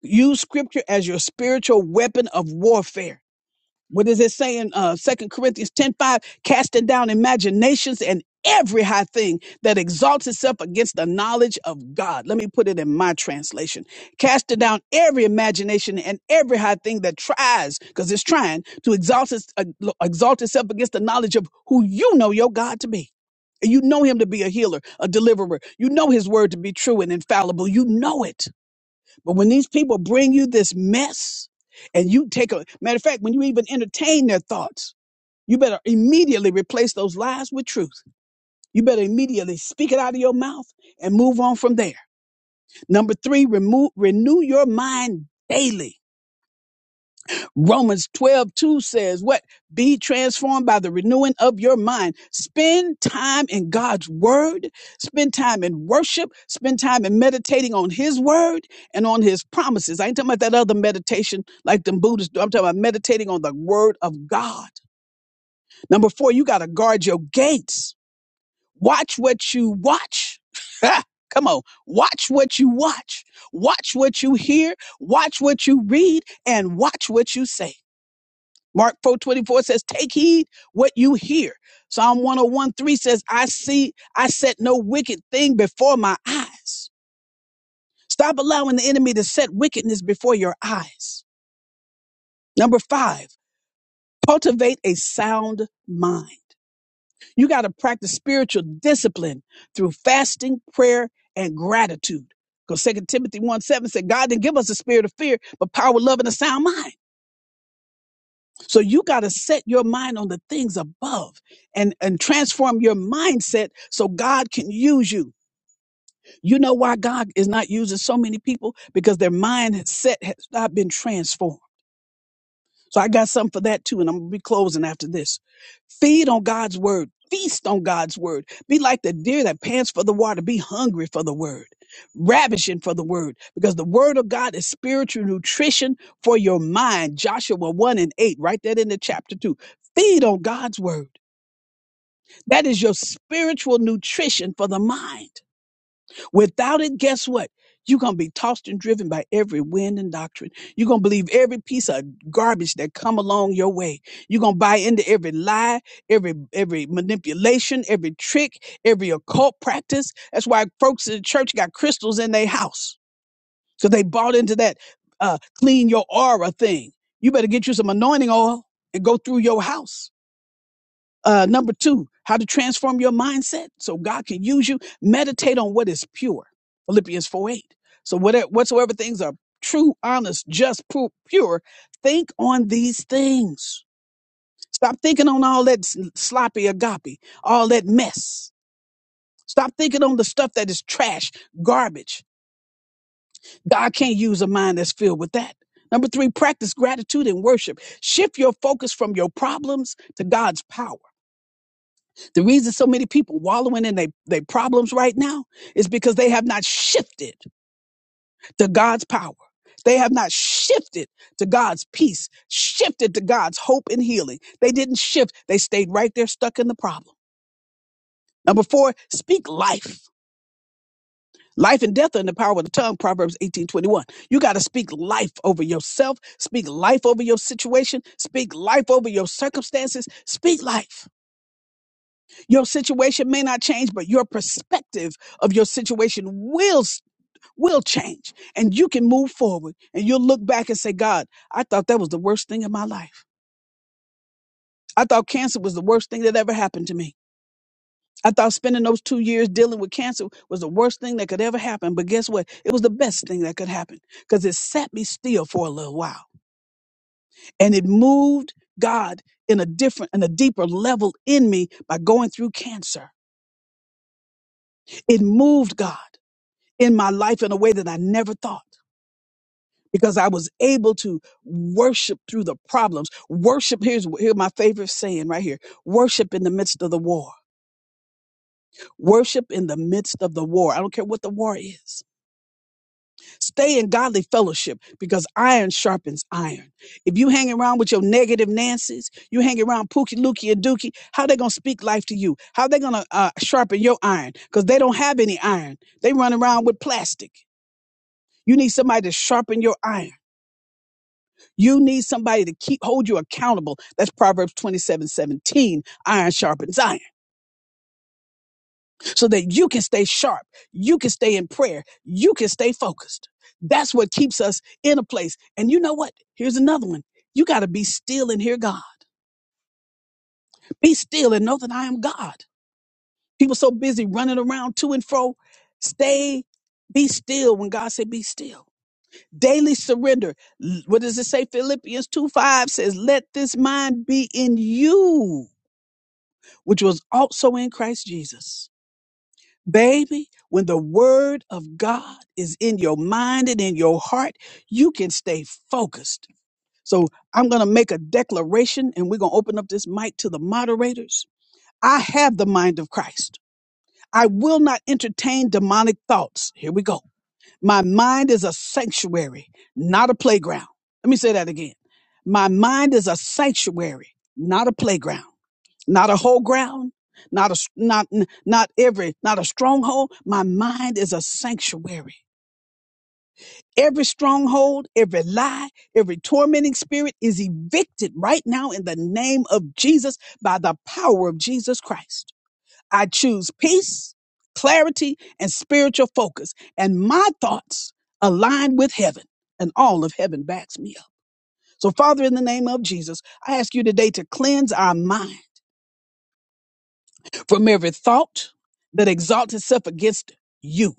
[SPEAKER 1] Use scripture as your spiritual weapon of warfare What is it saying? in uh, 2 Corinthians ten five? Casting down imaginations and every high thing that exalts itself against the knowledge of God. Let me put it in my translation. Casting down every imagination and every high thing that tries, because it's trying, to exalt, its, uh, exalt itself against the knowledge of who you know your God to be. And You know him to be a healer, a deliverer. You know his word to be true and infallible. You know it. But when these people bring you this mess and you take a matter of fact, when you even entertain their thoughts, you better immediately replace those lies with truth. You better immediately speak it out of your mouth and move on from there. Number three, remove, renew your mind daily. Romans 12 2 says, What? Be transformed by the renewing of your mind. Spend time in God's word, spend time in worship, spend time in meditating on his word and on his promises. I ain't talking about that other meditation like them Buddhists do. I'm talking about meditating on the word of God. Number four, you got to guard your gates. Watch what you watch. Come on, watch what you watch, watch what you hear, watch what you read, and watch what you say. Mark 4 24 says, Take heed what you hear. Psalm one o one 3 says, I see, I set no wicked thing before my eyes. Stop allowing the enemy to set wickedness before your eyes. Number five, cultivate a sound mind. You got to practice spiritual discipline through fasting, prayer, and gratitude. Because Second Timothy 1 7 said, God didn't give us a spirit of fear, but power, love, and a sound mind. So you got to set your mind on the things above and, and transform your mindset so God can use you. You know why God is not using so many people? Because their mindset has not been transformed. So I got something for that too, and I'm gonna be closing after this. Feed on God's word. Feast on God's word. Be like the deer that pants for the water. Be hungry for the word, ravishing for the word, because the word of God is spiritual nutrition for your mind. Joshua 1 and 8, write that in the chapter 2. Feed on God's word. That is your spiritual nutrition for the mind. Without it, guess what? You're going to be tossed and driven by every wind and doctrine. You're going to believe every piece of garbage that come along your way. You're going to buy into every lie, every every manipulation, every trick, every occult practice. That's why folks in the church got crystals in their house because they bought into that uh, clean your aura thing. You better get you some anointing oil and go through your house uh, number two, how to transform your mindset so God can use you. Meditate on what is pure. Philippians 4 8. So, whatever, whatsoever things are true, honest, just, pu- pure, think on these things. Stop thinking on all that s- sloppy agape, all that mess. Stop thinking on the stuff that is trash, garbage. God can't use a mind that's filled with that. Number three, practice gratitude and worship. Shift your focus from your problems to God's power. The reason so many people wallowing in their their problems right now is because they have not shifted to God's power. They have not shifted to God's peace, shifted to God's hope and healing. They didn't shift. They stayed right there stuck in the problem. Number four, speak life. Life and death are in the power of the tongue, Proverbs 18 21. You got to speak life over yourself, speak life over your situation, speak life over your circumstances, speak life. Your situation may not change, but your perspective of your situation will s- will change, and you can move forward. And you'll look back and say, "God, I thought that was the worst thing in my life. I thought cancer was the worst thing that ever happened to me." I thought spending those two years dealing with cancer was the worst thing that could ever happen. But guess what? It was the best thing that could happen because it sat me still for a little while and it moved God in a different and a deeper level in me by going through cancer. It moved God. in my life in a way that I never thought because I was able to worship through the problems. Worship, here's here my favorite saying right here worship in the midst of the war. Worship in the midst of the war. I don't care what the war is. Stay in godly fellowship because iron sharpens iron. If you hang around with your negative Nancy's, you hang around Pookie, Lookie, and Dookie, how they going to speak life to you? How they going to uh, sharpen your iron? Because they don't have any iron. They run around with plastic. You need somebody to sharpen your iron. You need somebody to keep hold you accountable. That's Proverbs 27 17. Iron sharpens iron so that you can stay sharp. You can stay in prayer. You can stay focused. That's what keeps us in a place. And you know what? Here's another one. You got to be still and hear God. Be still and know that I am God. People so busy running around to and fro. Stay, be still when God said, be still. Daily surrender. L- What does it say? Philippians 2 5 says, let this mind be in you which was also in Christ Jesus. Baby, when the word of God is in your mind and in your heart, you can stay focused. So I'm going to make a declaration and we're going to open up this mic to the moderators. I have the mind of Christ. I will not entertain demonic thoughts. Here we go. My mind is a sanctuary, not a playground. Let me say that again. My mind is a sanctuary, not a playground not a whole ground not a not not every not a stronghold my mind is a sanctuary every stronghold every lie every tormenting spirit is evicted right now in the name of jesus by the power of jesus christ i choose peace clarity and spiritual focus and my thoughts align with heaven and all of heaven backs me up so father in the name of jesus i ask you today to cleanse our mind from every thought that exalts itself against you.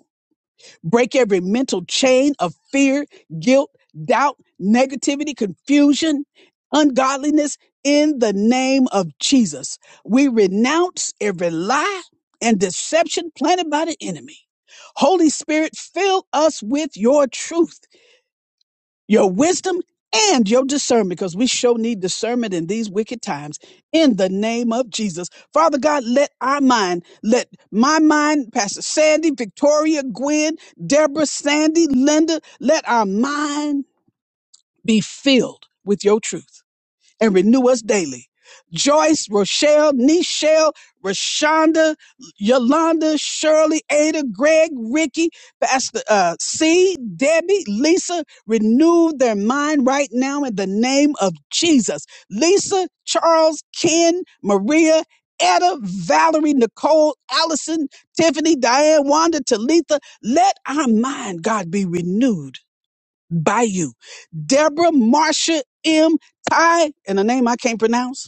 [SPEAKER 1] Break every mental chain of fear, guilt, doubt, negativity, confusion, ungodliness in the name of Jesus. We renounce every lie and deception planted by the enemy. Holy Spirit, fill us with your truth your wisdom and your discernment because we sure need discernment in these wicked times in the name of jesus father god let our mind let my mind pastor sandy victoria gwen deborah sandy linda let our mind be filled with your truth and renew us daily. Joyce, Rochelle, Nichelle, Rashonda, Yolanda, Shirley, Ada, Greg, Ricky, Pastor uh, C, Debbie, Lisa, renew their mind right now in the name of Jesus. Lisa, Charles, Ken, Maria, Etta, Valerie, Nicole, Allison, Tiffany, Diane, Wanda, Talitha, let our mind, God, be renewed by you. Deborah Marsha M. Ty, and a name I can't pronounce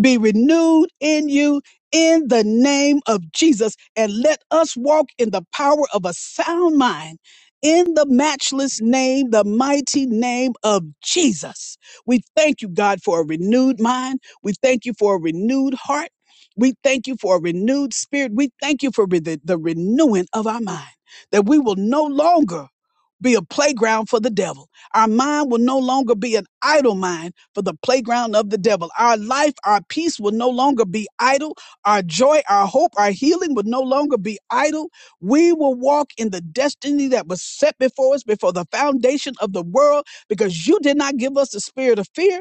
[SPEAKER 1] be renewed in you in the name of Jesus. And let us walk in the power of a sound mind in the matchless name, the mighty name of Jesus. We thank you, God, for a renewed mind. We thank you for a renewed heart. We thank you for a renewed spirit. We thank you for re- the, the renewing of our mind, that we will no longer be a playground for the devil. Our mind will no longer be an idle mind for the playground of the devil. Our life, our peace will no longer be idle. Our joy, our hope, our healing will no longer be idle. We will walk in the destiny that was set before us before the foundation of the world because you did not give us the spirit of fear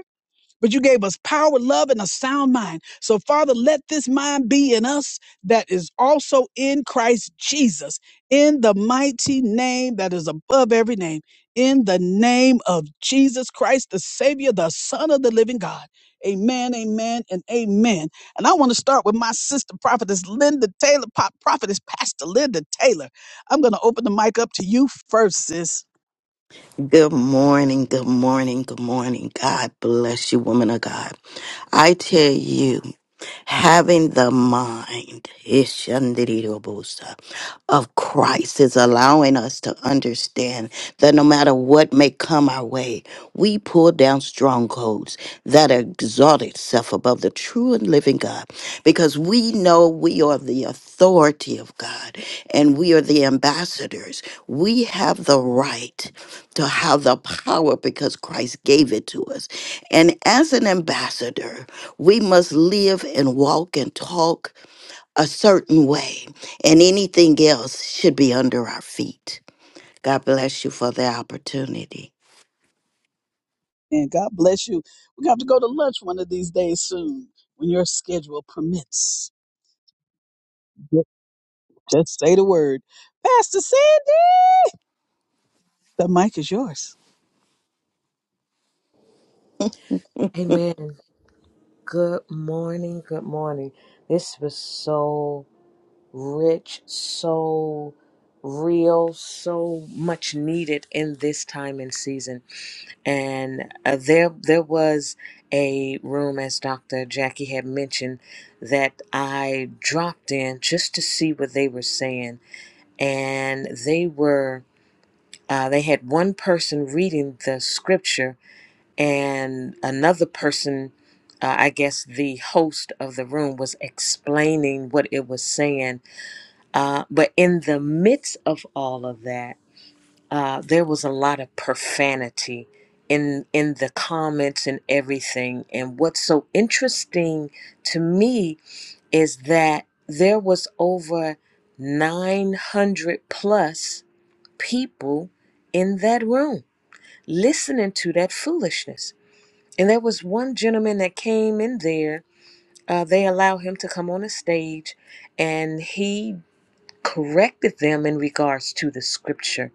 [SPEAKER 1] but you gave us power, love, and a sound mind. So, Father, let this mind be in us that is also in Christ Jesus, in the mighty name that is above every name, in the name of Jesus Christ, the Savior, the Son of the living God. Amen, amen, and amen. And I want to start with my sister, prophetess Linda Taylor, pop prophetess Pastor Linda Taylor. I'm going to open the mic up to you first, sis.
[SPEAKER 3] Good morning, good morning, good morning. God bless you, woman of God. I tell you. Having the mind Ishandirirobosa, of Christ is allowing us to understand that no matter what may come our way, we pull down strongholds that exalt itself above the true and living God because we know we are the authority of God and we are the ambassadors. We have the right to have the power because Christ gave it to us. And as an ambassador, we must live and walk and talk a certain way, and anything else should be under our feet. God bless you for the opportunity.
[SPEAKER 1] And God bless you. We're going to have to go to lunch one of these days soon when your schedule permits. Ju- Just say the word. Pastor Sandy, the mic is yours.
[SPEAKER 2] Amen. Good morning. Good morning. This was so rich, so real, so much needed in this time and season. And uh, there there was a room as Dr. Jackie had mentioned that I dropped in just to see what they were saying and they were uh, they had one person reading the scripture and another person uh, i guess the host of the room was explaining what it was saying uh, but in the midst of all of that uh, there was a lot of profanity in in the comments and everything and what's so interesting to me is that there was over 900 plus people in that room listening to that foolishness and there was one gentleman that came in there. Uh, they allowed him to come on the stage, and he corrected them in regards to the scripture.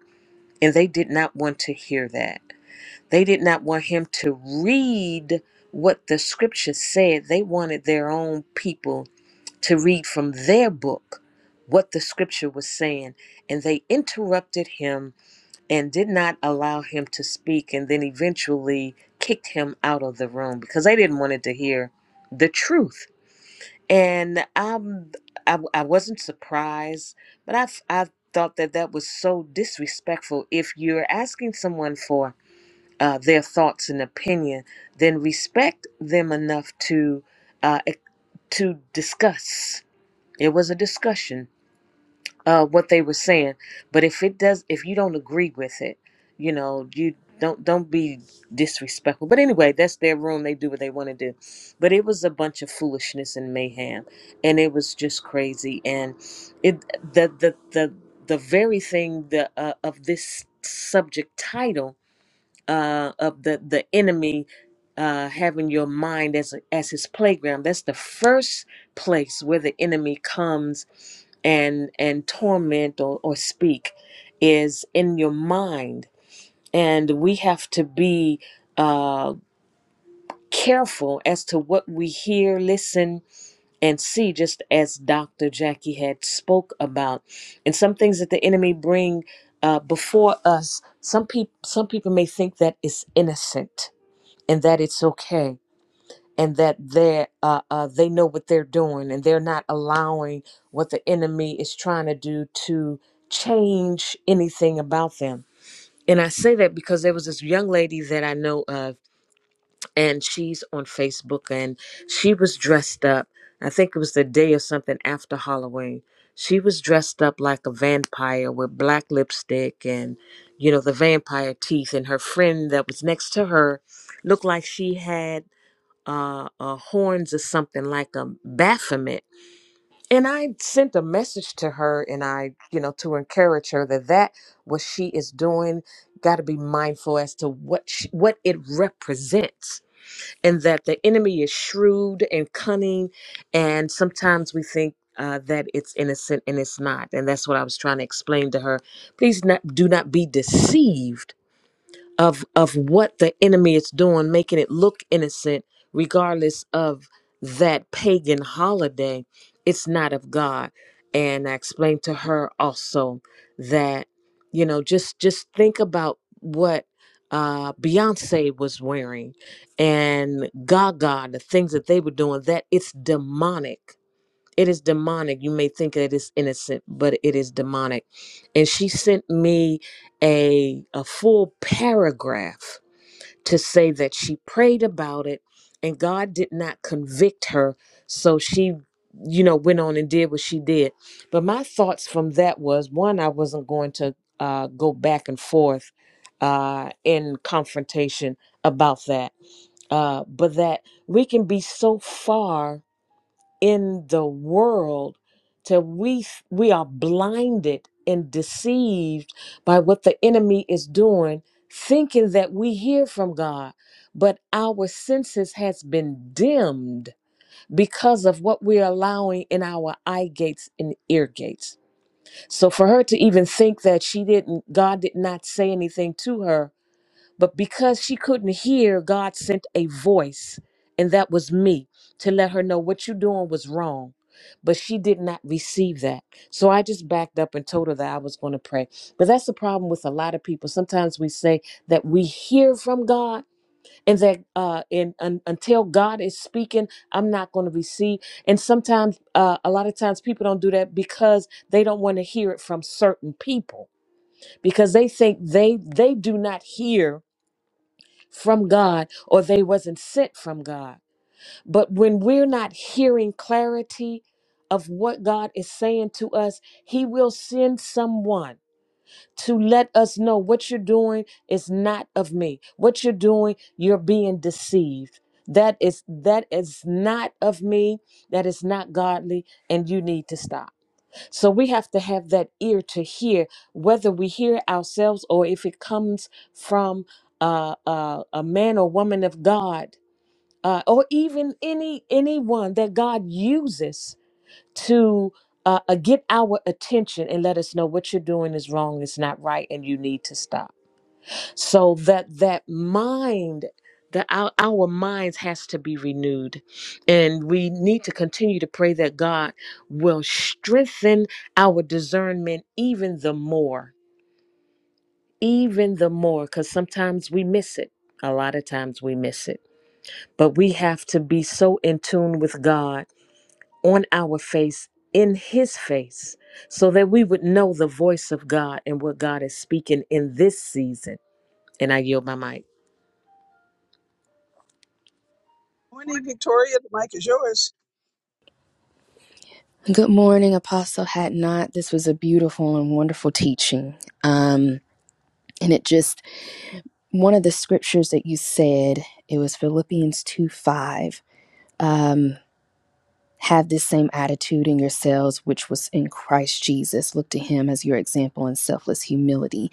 [SPEAKER 2] And they did not want to hear that. They did not want him to read what the scripture said. They wanted their own people to read from their book what the scripture was saying. And they interrupted him and did not allow him to speak and then eventually kicked him out of the room because they didn't want him to hear the truth and um, I, I wasn't surprised but I, I thought that that was so disrespectful if you're asking someone for uh, their thoughts and opinion then respect them enough to uh, e, to discuss it was a discussion uh, what they were saying. But if it does, if you don't agree with it, you know, you don't don't be disrespectful. But anyway, that's their room. They do what they want to do. But it was a bunch of foolishness and mayhem, and it was just crazy. And it the the the the very thing the uh, of this subject title uh, of the the enemy uh, having your mind as as his playground. That's the first place where the enemy comes and and torment or, or speak is in your mind, and we have to be uh, careful as to what we hear, listen, and see. Just as Dr. Jackie had spoke about, and some things that the enemy bring uh, before us. Some people some people may think that it's innocent and that it's okay and that they uh, uh, they know what they're doing and they're not allowing what the enemy is trying to do to change anything about them and i say that because there was this young lady that i know of and she's on facebook and she was dressed up i think it was the day or something after halloween she was dressed up like a vampire with black lipstick and you know the vampire teeth and her friend that was next to her looked like she had uh, uh, horns or something like a Baphomet. And I sent a message to her and I, you know, to encourage her that that what she is doing got to be mindful as to what she, what it represents and that the enemy is shrewd and cunning and sometimes we think uh, that it's innocent and it's not and that's what i was trying to explain to her please not, do not be deceived of of what the enemy is doing making it look innocent regardless of that pagan holiday it's not of god and i explained to her also that you know just just think about what uh beyonce was wearing and gaga the things that they were doing that it's demonic it is demonic. You may think it is innocent, but it is demonic. And she sent me a a full paragraph to say that she prayed about it and God did not convict her, so she you know went on and did what she did. But my thoughts from that was one I wasn't going to uh go back and forth uh in confrontation about that. Uh but that we can be so far in the world till we f- we are blinded and deceived by what the enemy is doing thinking that we hear from God but our senses has been dimmed because of what we're allowing in our eye gates and ear gates so for her to even think that she didn't God did not say anything to her but because she couldn't hear, God sent a voice, and that was me, to let her know what you're doing was wrong. But she did not receive that. So I just backed up and told her that I was going to pray. But that's the problem with a lot of people. Sometimes we say that we hear from God and that uh, and, un until God is speaking, I'm not going to receive. And sometimes, uh, a lot of times, people don't do that because they don't want to hear it from certain people because they think they they do not hear from God or they wasn't sent from God. But when we're not hearing clarity of what God is saying to us, he will send someone to let us know what you're doing is not of me. What you're doing, you're being deceived. That is that is not of me. That is not godly and you need to stop. So we have to have that ear to hear, whether we hear ourselves or if it comes from uh, uh, a man or woman of God, uh, or even any anyone that God uses to uh, uh, get our attention and let us know what you're doing is wrong, it's not right, and you need to stop so that that mind that our, our minds has to be renewed and we need to continue to pray that god will strengthen our discernment even the more even the more because sometimes we miss it a lot of times we miss it but we have to be so in tune with god on our face in his face so that we would know the voice of god and what god is speaking in this season and i yield my mic
[SPEAKER 1] Morning, Victoria. The mic is yours.
[SPEAKER 4] Good morning, Apostle Hatnot. This was a beautiful and wonderful teaching. Um, and it just, one of the scriptures that you said, it was Philippians 2 5. Um, have this same attitude in yourselves, which was in Christ Jesus. Look to him as your example in selfless humility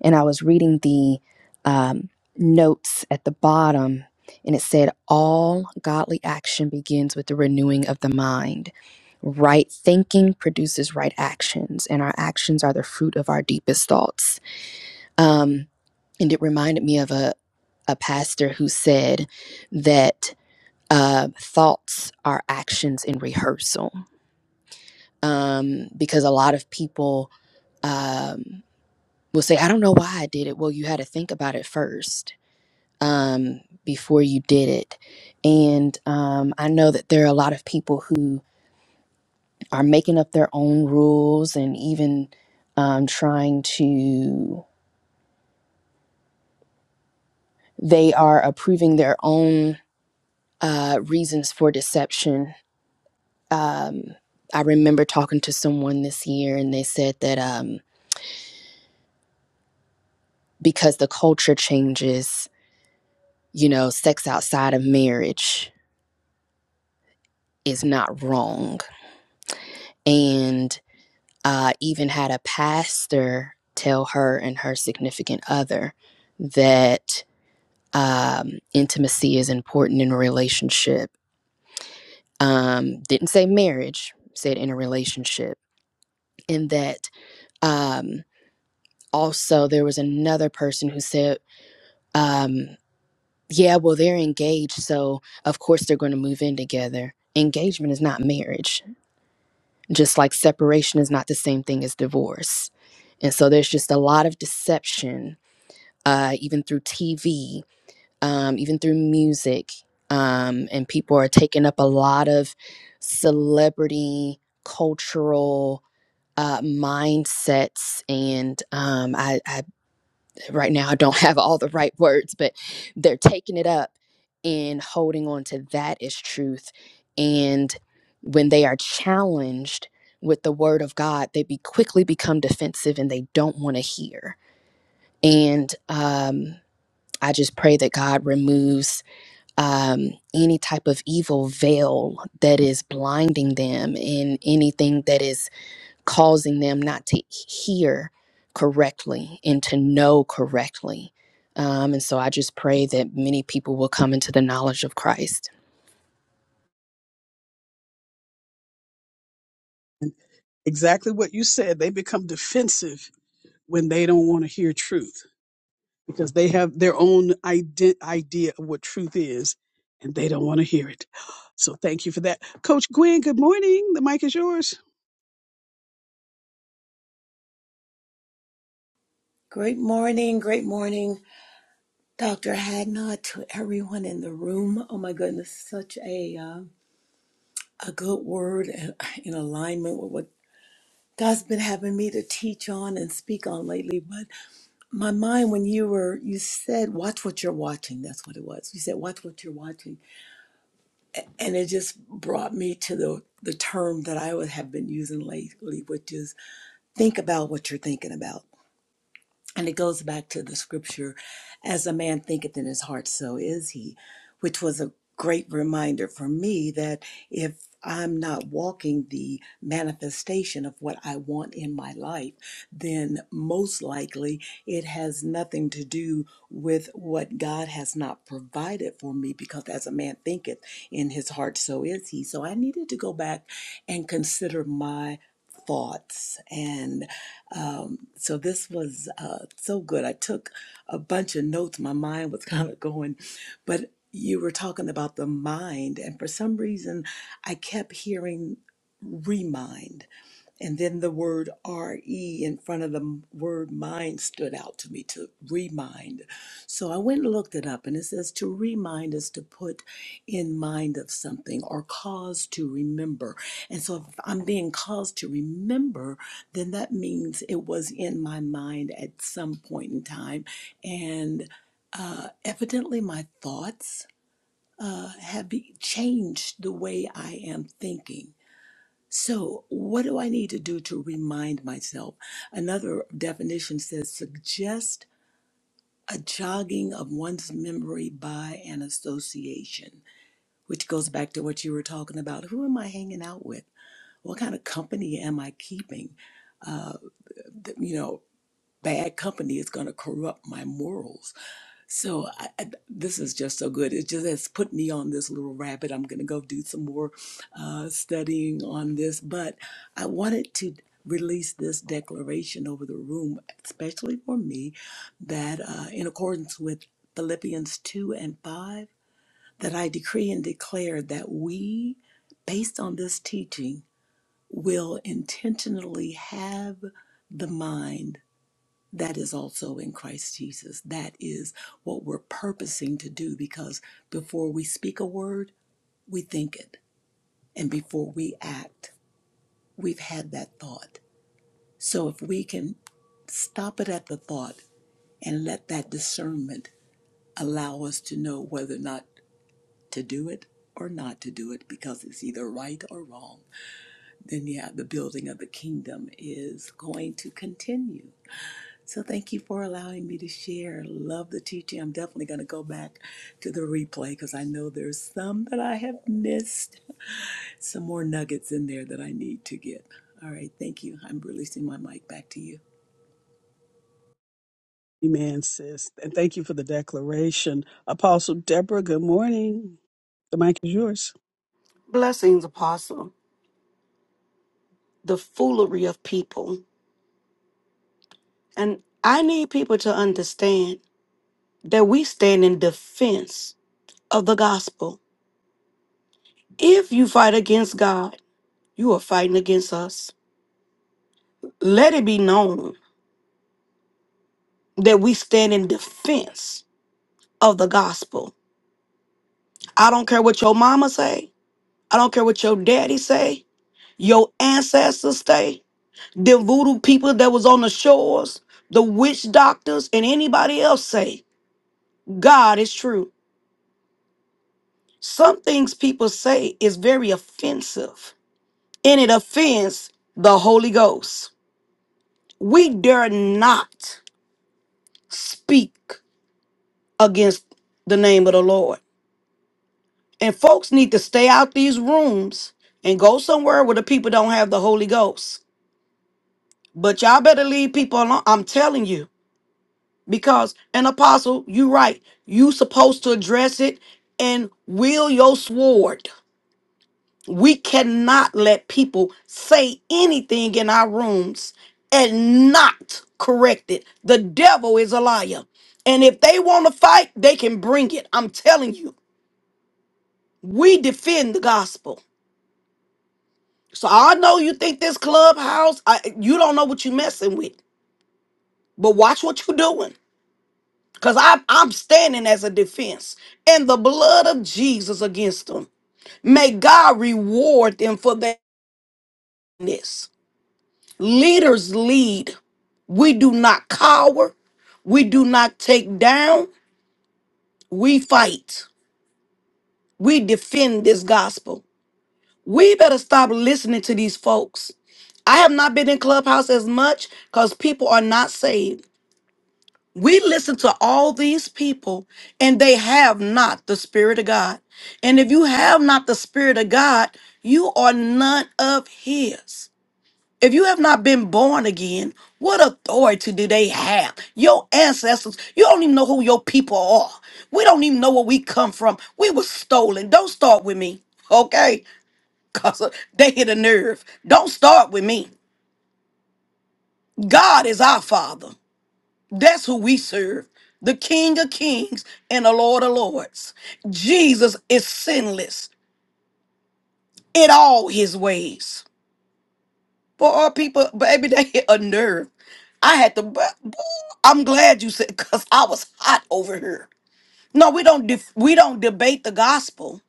[SPEAKER 4] and I was reading the um, notes at the bottom, and it said, All godly action begins with the renewing of the mind. Right thinking produces right actions, and our actions are the fruit of our deepest thoughts. Um, and it reminded me of a, a pastor who said that uh, thoughts are actions in rehearsal, um, because a lot of people um, will say, I don't know why I did it. Well, you had to think about it first um, before you did it. And um, I know that there are a lot of people who are making up their own rules and even um, trying to, they are approving their own uh, reasons for deception. Um, I remember talking to someone this year and they said that um, because the culture changes, you know, sex outside of marriage is not wrong. and. uh, even had a pastor tell her and her significant other that um, intimacy is important in a relationship. Um, didn't say marriage, said in a relationship. And that um, also there was another person who said, um, yeah, well, they're engaged, so of course they're going to move in together. Engagement is not marriage, just like separation is not the same thing as divorce. And so there's just a lot of deception uh, even through TV, um, even through music. Um, and people are taking up a lot of celebrity cultural uh, mindsets. And um, I, I, right now, I don't have all the right words, but they're taking it up and holding on to that as truth. And when they are challenged with the word of God, they be quickly become defensive and they don't want to hear. And um, I just pray that God removes um, any type of evil veil that is blinding them and anything that is causing them not to hear correctly and to know correctly. Um, and so I just pray that many people will come into the knowledge of Christ
[SPEAKER 1] Exactly what you said. They become defensive when they don't want to hear truth. because they have their own ide- idea of what truth is and they don't want to hear it. So thank you for that. Coach Gwen, good morning. The mic is yours.
[SPEAKER 5] Great morning, great morning, Dr. Hadnot, to everyone in the room. Oh my goodness, such a uh, a good word and in alignment with what God's been having me to teach on and speak on lately. But my mind, when you were, you said, "Watch what you're watching." That's what it was. You said, "Watch what you're watching," and it just brought me to the the term that I would have been using lately, which is think about what you're thinking about And it goes back to the scripture, as a man thinketh in his heart, so is he, which was a great reminder for me that if I'm not walking the manifestation of what I want in my life, then most likely it has nothing to do with what God has not provided for me, because as a man thinketh in his heart, so is he. So I needed to go back and consider my thoughts. and. Um, so this was uh, so good. I took a bunch of notes. My mind was kind of going, but you were talking about the mind, and for some reason, I kept hearing remind. And then the word RE in front of the m- word mind stood out to me to remind. So I went and looked it up, and it says to remind is to put in mind of something or cause to remember. And so if I'm being caused to remember, then that means it was in my mind at some point in time. And uh, evidently, my thoughts uh, have be- changed the way I am thinking. So, what do I need to do to remind myself? Another definition says suggest a jogging of one's memory by an association, which goes back to what you were talking about. Who am I hanging out with? What kind of company am I keeping? Uh, th- you know, bad company is going to corrupt my morals so I, I, this is just so good. It just has put me on this little rabbit. I'm going to go do some more uh, studying on this, but I wanted to release this declaration over the room, especially for me, that uh, in accordance with Philippians 2 and 5, that I decree and declare that we, based on this teaching, will intentionally have the mind that is also in Christ Jesus. That is what we're purposing to do because before we speak a word, we think it. And before we act, we've had that thought. So if we can stop it at the thought and let that discernment allow us to know whether or not to do it or not to do it because it's either right or wrong, then yeah, the building of the kingdom is going to continue. So thank you for allowing me to share. Love the teaching. I'm definitely going to go back to the replay because I know there's some that I have missed. Some more nuggets in there that I need to get. All right, thank you. I'm releasing my mic back to you.
[SPEAKER 1] Amen, sis. And thank you for the declaration. Apostle Deborah, good morning. The mic is yours.
[SPEAKER 6] Blessings, Apostle. The foolery of people. And I need people to understand that we stand in defense of the gospel. If you fight against God, you are fighting against us. Let it be known that we stand in defense of the gospel. I don't care what your mama say. I don't care what your daddy say. Your ancestors say. The voodoo people that was on the shores, the witch doctors, and anybody else say, God is true. Some things people say is very offensive, and it offends the Holy Ghost. We dare not speak against the name of the Lord. And folks need to stay out these rooms and go somewhere where the people don't have the Holy Ghost. But y'all better leave people alone. I'm telling you, because an apostle, you right, you supposed to address it and wield your sword. We cannot let people say anything in our rooms and not correct it. The devil is a liar. And if they want to fight, they can bring it. I'm telling you, we defend the gospel. So I know you think this clubhouse, I, you don't know what you're messing with, but watch what you're doing. Because I'm standing as a defense and the blood of Jesus against them. May God reward them for their this. Leaders lead We do not cower. We do not take down. We fight. We defend this gospel. We better stop listening to these folks. I have not been in Clubhouse as much because people are not saved. We listen to all these people and they have not the Spirit of God. And if you have not the Spirit of God, you are none of His. If you have not been born again, what authority do they have? Your ancestors, you don't even know who your people are. We don't even know where we come from. We were stolen. Don't start with me, okay? Because they hit a nerve. Don't start with me. God is our Father. That's who we serve. The King of Kings and the Lord of Lords. Jesus is sinless in all his ways. For all people, baby, they hit a nerve. I had to. bu- bu- I'm glad you said because I was hot over here. No, we don't. Def- we don't debate the gospel,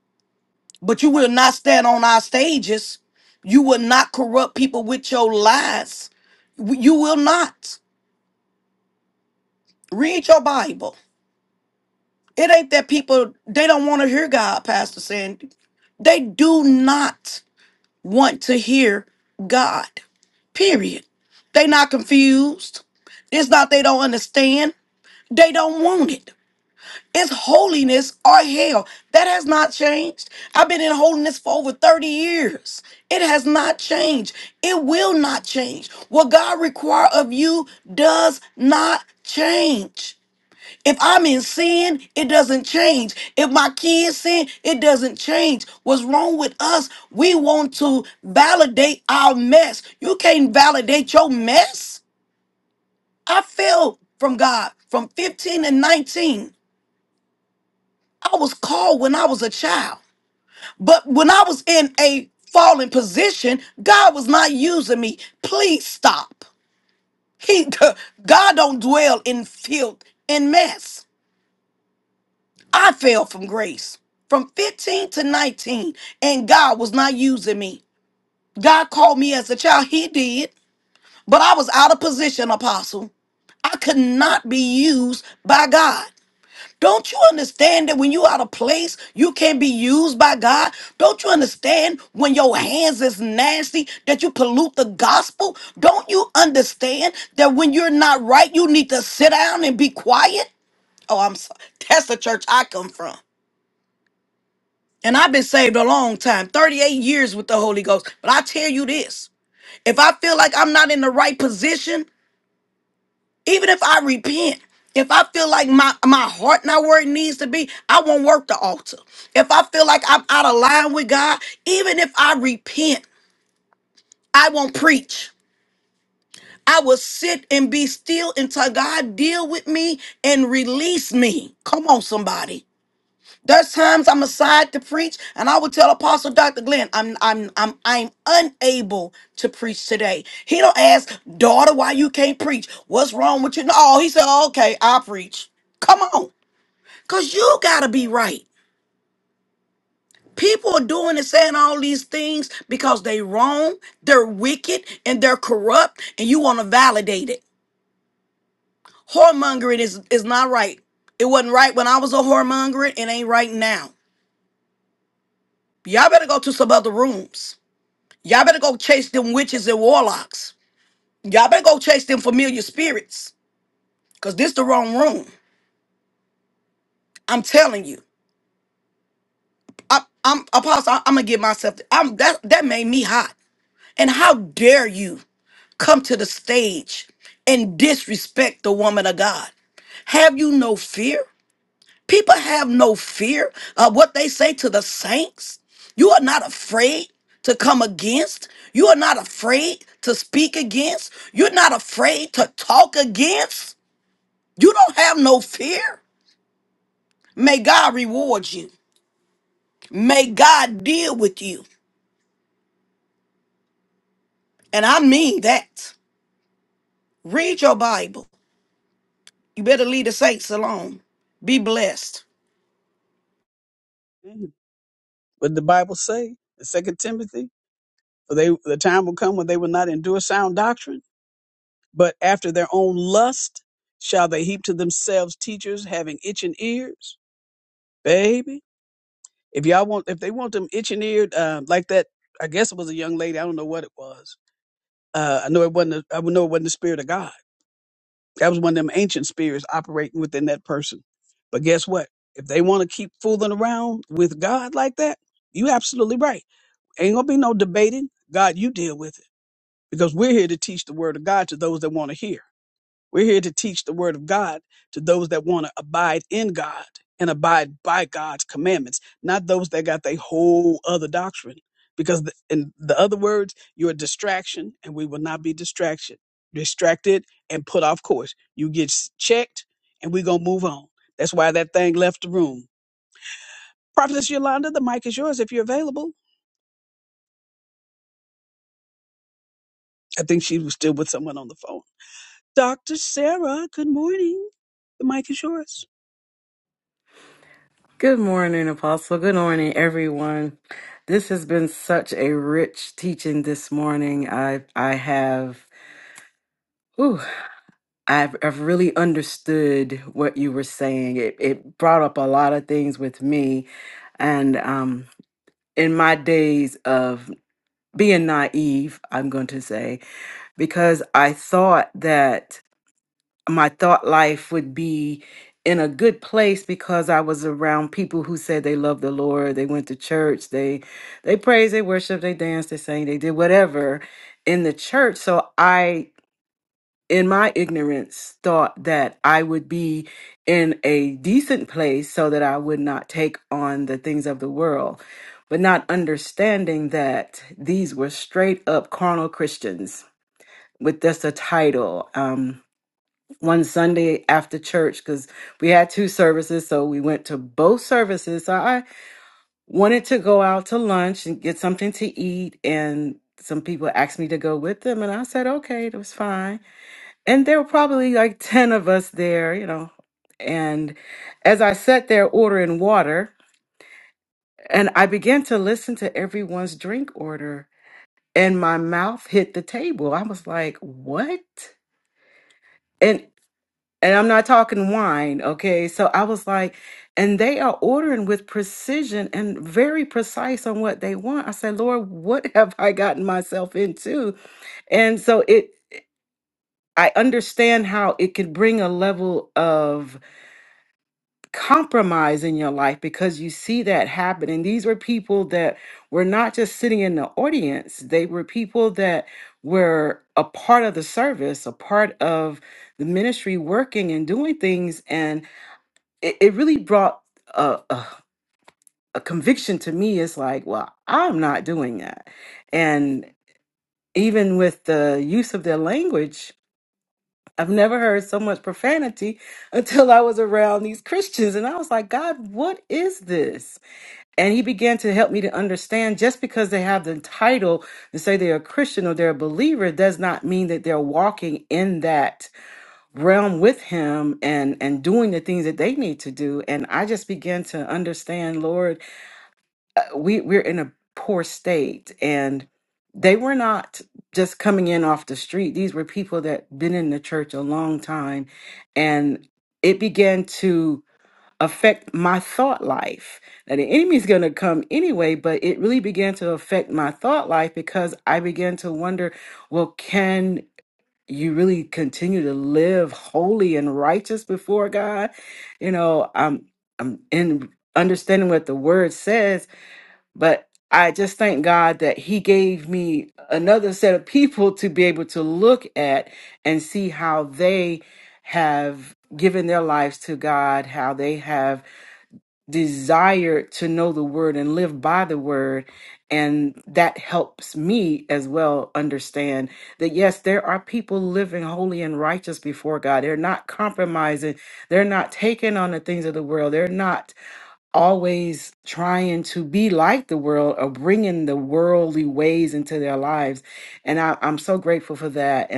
[SPEAKER 6] but you will not stand on our stages. You will not corrupt people with your lies. W- You will not read your Bible. It ain't that people they don't want to hear God, Pastor Sandy. They do not want to hear God. Period. They not confused. It's not they don't understand. They don't want it. It's holiness or hell. That has not changed. I've been in holiness for over 30 years. It has not changed. It will not change. What God requires of you does not change. If I'm in sin, it doesn't change. If my kids sin, it doesn't change. What's wrong with us? We want to validate our mess. You can't validate your mess. I fell from God from 15 and 19. I was called when I was a child. But when I was in a fallen position, God was not using me. Please stop. He God don't dwell in filth and mess. I fell from grace from 15 to 19, and God was not using me. God called me as a child, He did, but I was out of position, apostle. I could not be used by God. Don't you understand that when you out of place, you can be used by God? Don't you understand when your hands is nasty that you pollute the gospel? Don't you understand that when you're not right, you need to sit down and be quiet? Oh, I'm sorry. That's the church I come from. And I've been saved a long time, 38 years with the Holy Ghost. But I tell you this, if I feel like I'm not in the right position, Even if I repent, if I feel like my, my heart not where it needs to be, I won't work the altar. If I feel like I'm out of line with God, even if I repent, I won't preach. I will sit and be still until God deal with me and release me. Come on, somebody. There's times I'm aside to preach, and I would tell Apostle Dr. Glenn, I'm I'm I'm I'm unable to preach today. He don't ask, daughter, why you can't preach? What's wrong with you? No, he said, okay, I'll preach. Come on. Cause you gotta be right. People are doing and saying all these things because they wrong, they're wicked, and they're corrupt, and you want to validate it. Whoremongering is is not right. It wasn't right when I was a whoremongering, it ain't right now. Y'all better go to some other rooms. Y'all better go chase them witches and warlocks. Y'all better go chase them familiar spirits. Cause this the wrong room. I'm telling you. I, I'm apostle. I, am gonna get myself. I'm that that made me hot. And how dare you come to the stage and disrespect the woman of God? Have you no fear? People have no fear of what they say to the saints. You are not afraid to come against. You are not afraid to speak against. You're not afraid to talk against. You don't have no fear. May God reward you. May God deal with you. And I mean that. Read your Bible. You better leave the saints alone. Be blessed.
[SPEAKER 1] Amen. What did the Bible say? In Second Timothy, for they the time will come when they will not endure sound doctrine, but after their own lust shall they heap to themselves teachers having itching ears. Baby. if y'all want if they want them itching eared um like that i guess it was a young lady i don't know what it was uh i know it wasn't a, i know it wasn't the spirit of god that was one of them ancient spirits operating within that person but guess what if they want to keep fooling around with god like that you absolutely right ain't gonna be no debating god you deal with it because we're here to teach the word of god to those that want to hear we're here to teach the word of God to those that want to abide in God and abide by God's commandments, not those that got their whole other doctrine. Because the, in the other words, you're a distraction, and we will not be distraction, distracted and put off course. You get s- checked, and we're going to move on. That's why that thing left the room. Prophetess Yolanda, the mic is yours if you're available. I think she was still with someone on the phone. Dr. Sarah, good morning. The mic is yours.
[SPEAKER 7] Good morning, Apostle. Good morning, everyone. This has been such a rich teaching this morning. I I have ooh, I've, I've really understood what you were saying. It it brought up a lot of things with me, and um, in my days of being naive, I'm going to say because I thought that my thought life would be in a good place because I was around people who said they loved the Lord, they went to church, they they praised, they worshiped, they danced, they sang, they did whatever in the church. So I in my ignorance thought that I would be in a decent place so that I would not take on the things of the world. But not understanding that these were straight up carnal Christians with just a title. Um one Sunday after church because we had two services, so we went to both services. So I wanted to go out to lunch and get something to eat, and some people asked me to go with them, and I said okay, that was fine. And there were probably like ten of us there, you know. And as I sat there ordering water, and I began to listen to everyone's drink order, and my mouth hit the table. I was like, what? And and I'm not talking wine, okay? So I was like, and they are ordering with precision and very precise on what they want. I said, Lord, what have I gotten myself into? And so it, I understand how it could bring a level of compromise in your life because you see that happen. And these were people that were not just sitting in the audience, they were people that were a part of the service, a part of the ministry working and doing things. And it, it really brought a, a a conviction to me it's like well i'm not doing that and even with the use of their language i've never heard so much profanity until i was around these christians and i was like god what is this and he began to help me to understand just because they have the title and say they're a christian or they're a believer does not mean that they're walking in that realm with him and and doing the things that they need to do and i just began to understand lord uh, we we're in a poor state and they were not just coming in off the street these were people that been in the church a long time and it began to affect my thought life now the enemy's going to come anyway but it really began to affect my thought life because i began to wonder well can you really continue to live holy and righteous before God. You know, I'm I'm in understanding what the word says, but I just thank God that He gave me another set of people to be able to look at and see how they have given their lives to God, how they have desire to know the word and live by the word. And that helps me as well understand that yes, there are people living holy and righteous before God. They're not compromising, they're not taking on the things of the world, they're not always trying to be like the world or bringing the worldly ways into their lives. And I, I'm so grateful for that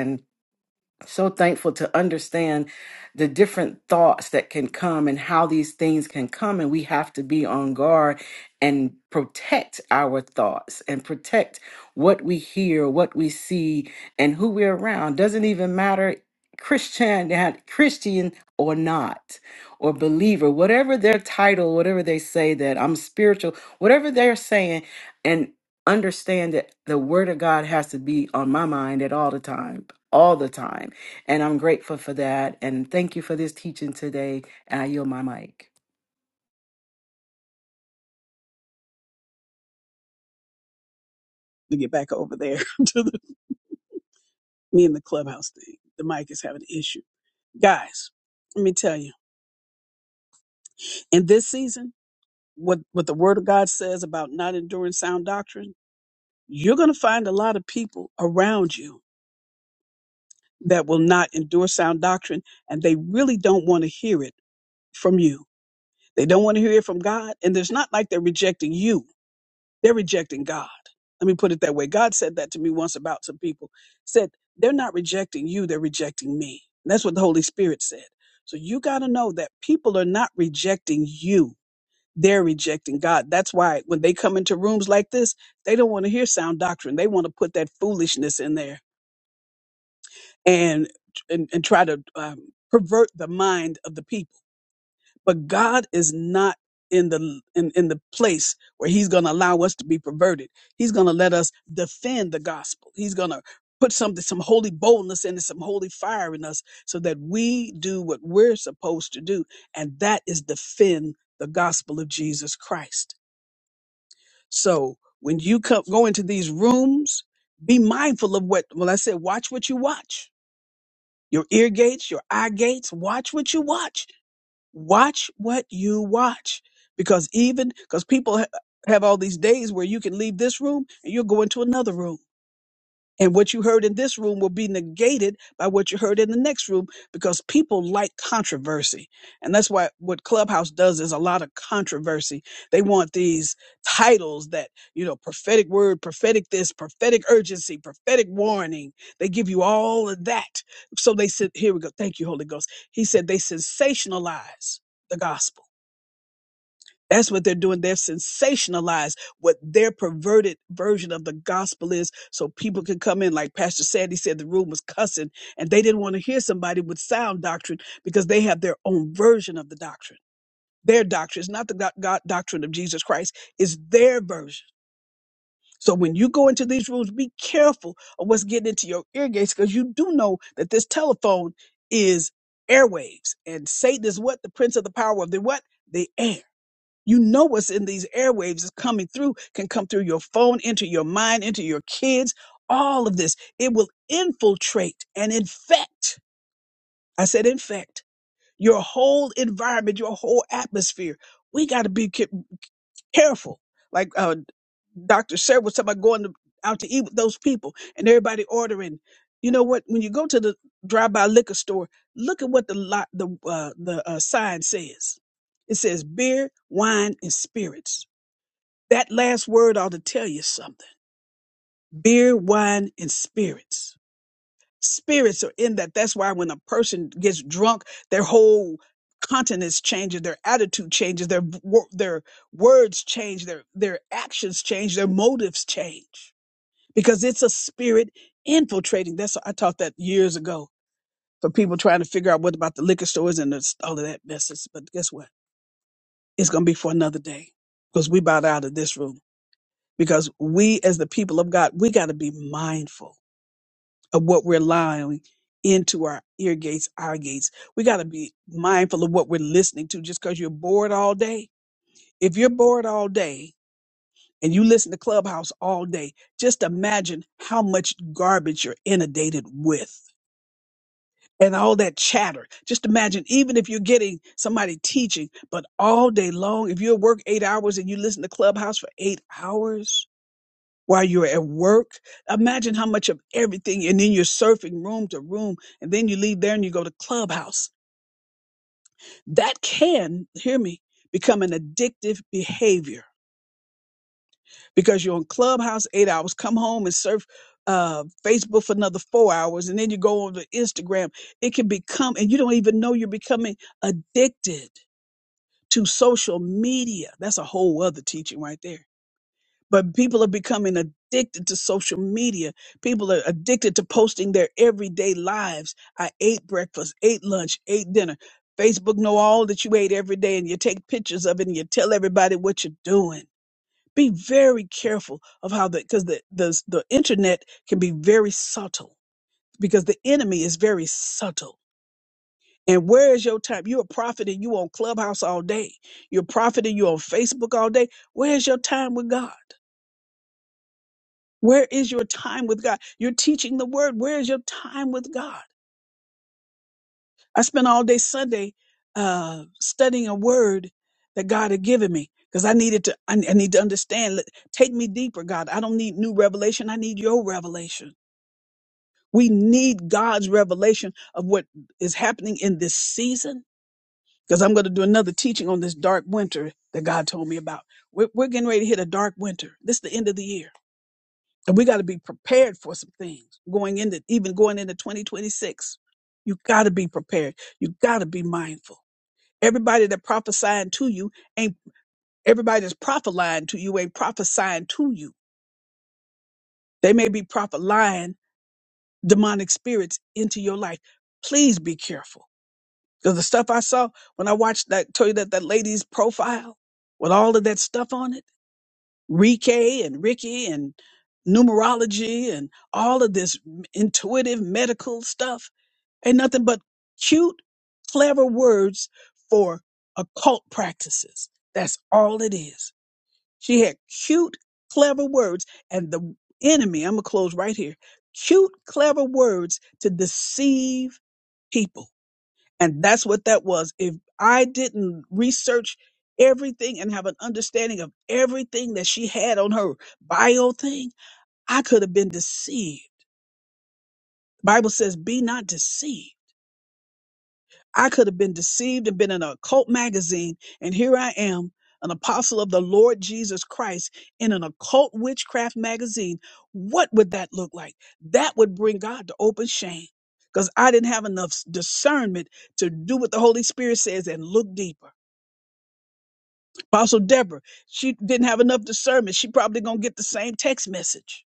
[SPEAKER 7] so thankful to understand the different thoughts that can come and how these things can come and we have to be on guard and protect our thoughts and protect what we hear what we see and who we're around doesn't even matter christian christian or not or believer whatever their title whatever they say that i'm spiritual whatever they're saying and understand that the word of god has to be on my mind at all the time all the time and I'm grateful for that. And thank you for this teaching today. And I yield my mic.
[SPEAKER 1] To get back over there to the, me and the clubhouse thing. The mic is having an issue. Guys, let me tell you, in this season, what what the word of God says about not enduring sound doctrine, you're going to find a lot of people around you that will not endure sound doctrine and they really don't want to hear it from you. They don't want to hear it from God and it's not like they're rejecting you. They're rejecting God. Let me put it that way. God said that to me once about some people. Said they're not rejecting you, they're rejecting me. And that's what the Holy Spirit said. So you got to know that people are not rejecting you they're rejecting God. That's why when they come into rooms like this, they don't want to hear sound doctrine. They want to put that foolishness in there and and, and try to um, pervert the mind of the people. But God is not in the in, in the place where He's going to allow us to be perverted. He's going to let us defend the gospel. He's going to put something some holy boldness and some holy fire in us so that we do what we're supposed to do and that is defend the gospel of Jesus Christ So when you come, go into these rooms, be mindful of what, well, I said, watch what you watch. Your ear gates, your eye gates, watch what you watch. Watch what you watch. Because even, because people ha- have all these days where you can leave this room and you'll go into another room. And what you heard in this room will be negated by what you heard in the next room because people like controversy. And that's why what Clubhouse does is a lot of controversy. They want these titles that, you know, prophetic word, prophetic this, prophetic urgency, prophetic warning. They give you all of that. So they said, here we go. Thank you, Holy Ghost. He said they sensationalize the gospel. That's what they're doing. They're sensationalized what their perverted version of the gospel is. So people can come in, like Pastor Sandy said, the room was cussing and they didn't want to hear somebody with sound doctrine because they have their own version of the doctrine. Their doctrine is not the God, God doctrine of Jesus Christ, it's their version. So when you go into these rooms, be careful of what's getting into your ear gates because you do know that this telephone is airwaves and Satan is what? The prince of the power of the what? The air. You know what's in these airwaves is coming through, can come through your phone, into your mind, into your kids, all of this. It will infiltrate and infect. I said infect your whole environment, your whole atmosphere. We got to be ca- careful. Like uh, Dr. Sarah was talking about going to, out to eat with those people and everybody ordering. You know what? When you go to the drive-by liquor store, look at what the lot, the uh, the uh, sign says. It says beer, wine, and spirits. That last word ought to tell you something. Beer, wine, and spirits spirits are in that. That's why when a person gets drunk, their whole countenance changes, their attitude changes, their wo- their words change, their their actions change, their motives change because it's a spirit infiltrating. That's I taught that years ago for people trying to figure out what about the liquor stores and this- all of that messes. But guess what? It's gonna be for another day because we bowed out of this room because we as the people of God, we got to be mindful of what we're allowing into our ear gates, our gates. We got to be mindful of what we're listening to just because you're bored all day. If you're bored all day and you listen to Clubhouse all day, just imagine how much garbage you're inundated with and all that chatter. Just imagine, even if you're getting somebody teaching, but all day long, if you work eight hours and you listen to Clubhouse for eight hours, while you're at work. Imagine how much of everything, and then you're surfing room to room, and then you leave there and you go to Clubhouse. That can, hear me, become an addictive behavior because you're on Clubhouse eight hours, come home and surf uh, Facebook for another four hours, and then you go on to Instagram. It can become, and you don't even know you're becoming addicted to social media. That's a whole other teaching right there but people are becoming addicted to social media. People are addicted to posting their everyday lives. I ate breakfast, ate lunch, ate dinner. Facebook know all that you ate every day and you take pictures of it and you tell everybody what you're doing. Be very careful of how the because the, the the internet can be very subtle because the enemy is very subtle. And where is your time? You're a prophet and you on Clubhouse all day. You're a prophet and you're on Facebook all day. Where's your time with God? Where is your time with God? You're teaching the word. Where is your time with God? I spent all day Sunday uh, studying a word that God had given me because I needed to. I, I need to understand. Let- Take me deeper, God. I don't need new revelation. I need your revelation. We need God's revelation of what is happening in this season because I'm going to do another teaching on this dark winter that God told me about. We're, we're getting ready to hit a dark winter. This is the end of the year And we got to be prepared for some things going into, even going into 2026. You got to be prepared. You got to be mindful. Everybody that prophesying to you ain't, everybody that's prophesying to you ain't prophesying to you. They may be prophesying demonic spirits into your life. Please be careful. Because the stuff I saw when I watched that, told you that, that lady's profile with all of that stuff on it Rike and Ricky and numerology and all of this intuitive medical stuff ain't nothing but cute, clever words for occult practices. That's all it is. She had cute, clever words and the enemy, I'm going to close right here, cute, clever words to deceive people. And that's what that was. If I didn't research everything and have an understanding of everything that she had on her bio thing, I could have been deceived. Bible says, be not deceived. I could have been deceived and been in a occult magazine. And here I am, an apostle of the Lord Jesus Christ in an occult witchcraft magazine. What would that look like? That would bring God to open shame because I didn't have enough discernment to do what the Holy Spirit says and look deeper. Apostle Deborah, she didn't have enough discernment. She probably gonna get the same text message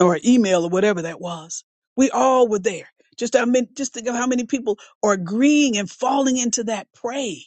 [SPEAKER 1] or email or whatever that was. We all were there. Just how many, just think of how many people are agreeing and falling into that prey.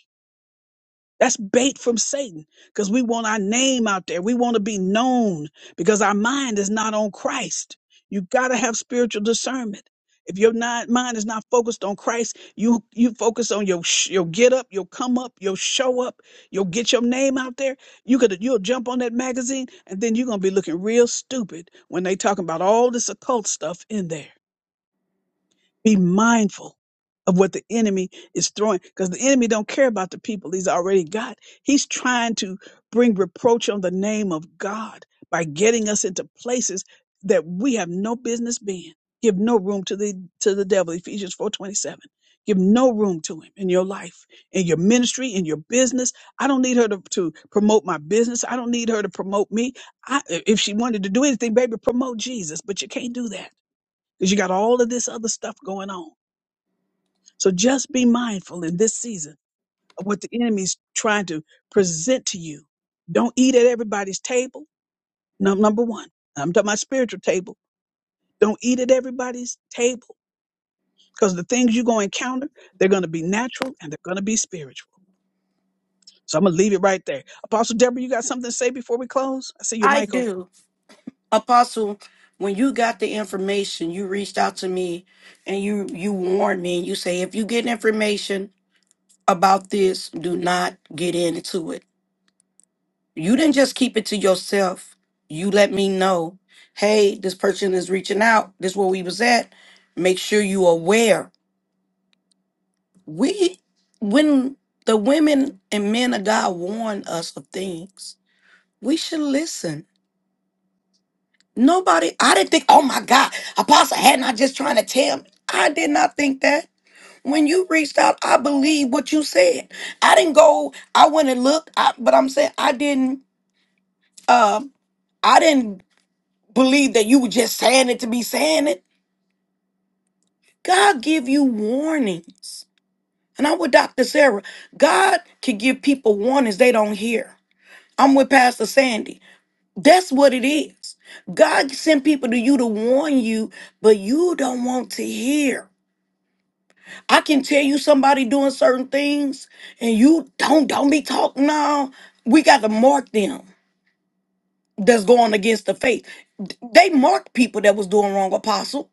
[SPEAKER 1] That's bait from Satan because we want our name out there. We want to be known because our mind is not on Christ. You got to have spiritual discernment. If your ni- mind is not focused on Christ, you you focus on your sh- your get up, your come up, your show up, you'll get your name out there. You could you'll jump on that magazine, and then you're gonna be looking real stupid when they talking about all this occult stuff in there. Be mindful of what the enemy is throwing because the enemy don't care about the people he's already got. He's trying to bring reproach on the name of God by getting us into places that we have no business being. Give no room to the to the devil, Ephesians 4:27. Give no room to him in your life, in your ministry, in your business. I don't need her to, to promote my business. I don't need her to promote me. I, if she wanted to do anything, baby, promote Jesus. But you can't do that because you got all of this other stuff going on. So just be mindful in this season of what the enemy's trying to present to you. Don't eat at everybody's table. Num- number one, I'm talking about spiritual table. Don't eat at everybody's table because the things you're going to encounter, they're going to be natural and they're going to be spiritual. So I'm going to leave it right there. Apostle Deborah, you got something to say before we close? I see your
[SPEAKER 6] I
[SPEAKER 1] mic
[SPEAKER 6] do.
[SPEAKER 1] open.
[SPEAKER 6] Apostle, when you got the information, you reached out to me and you you warned me and you say if you get information about this, do not get into it. You didn't just keep it to yourself. You let me know, hey, this person is reaching out. This is where we was at. Make sure you aware. We when the women and men of God warn us of things, we should listen Nobody, I didn't think, oh my God, Apostle, hadn't I just trying to tell me? I did not think that. When you reached out, I believe what you said. I didn't go, I went and looked, I, but I'm saying I didn't um I didn't believe that you were just saying it to be saying it. God give you warnings. And I'm with Dr. Sarah. God can give people warnings they don't hear. I'm with Pastor Sandy. That's what it is. God sent people to you to warn you, but you don't want to hear. I can tell you somebody doing certain things and you don't don't be talking now. We got to mark them that's going against the faith. D- They marked people that was doing wrong, apostle.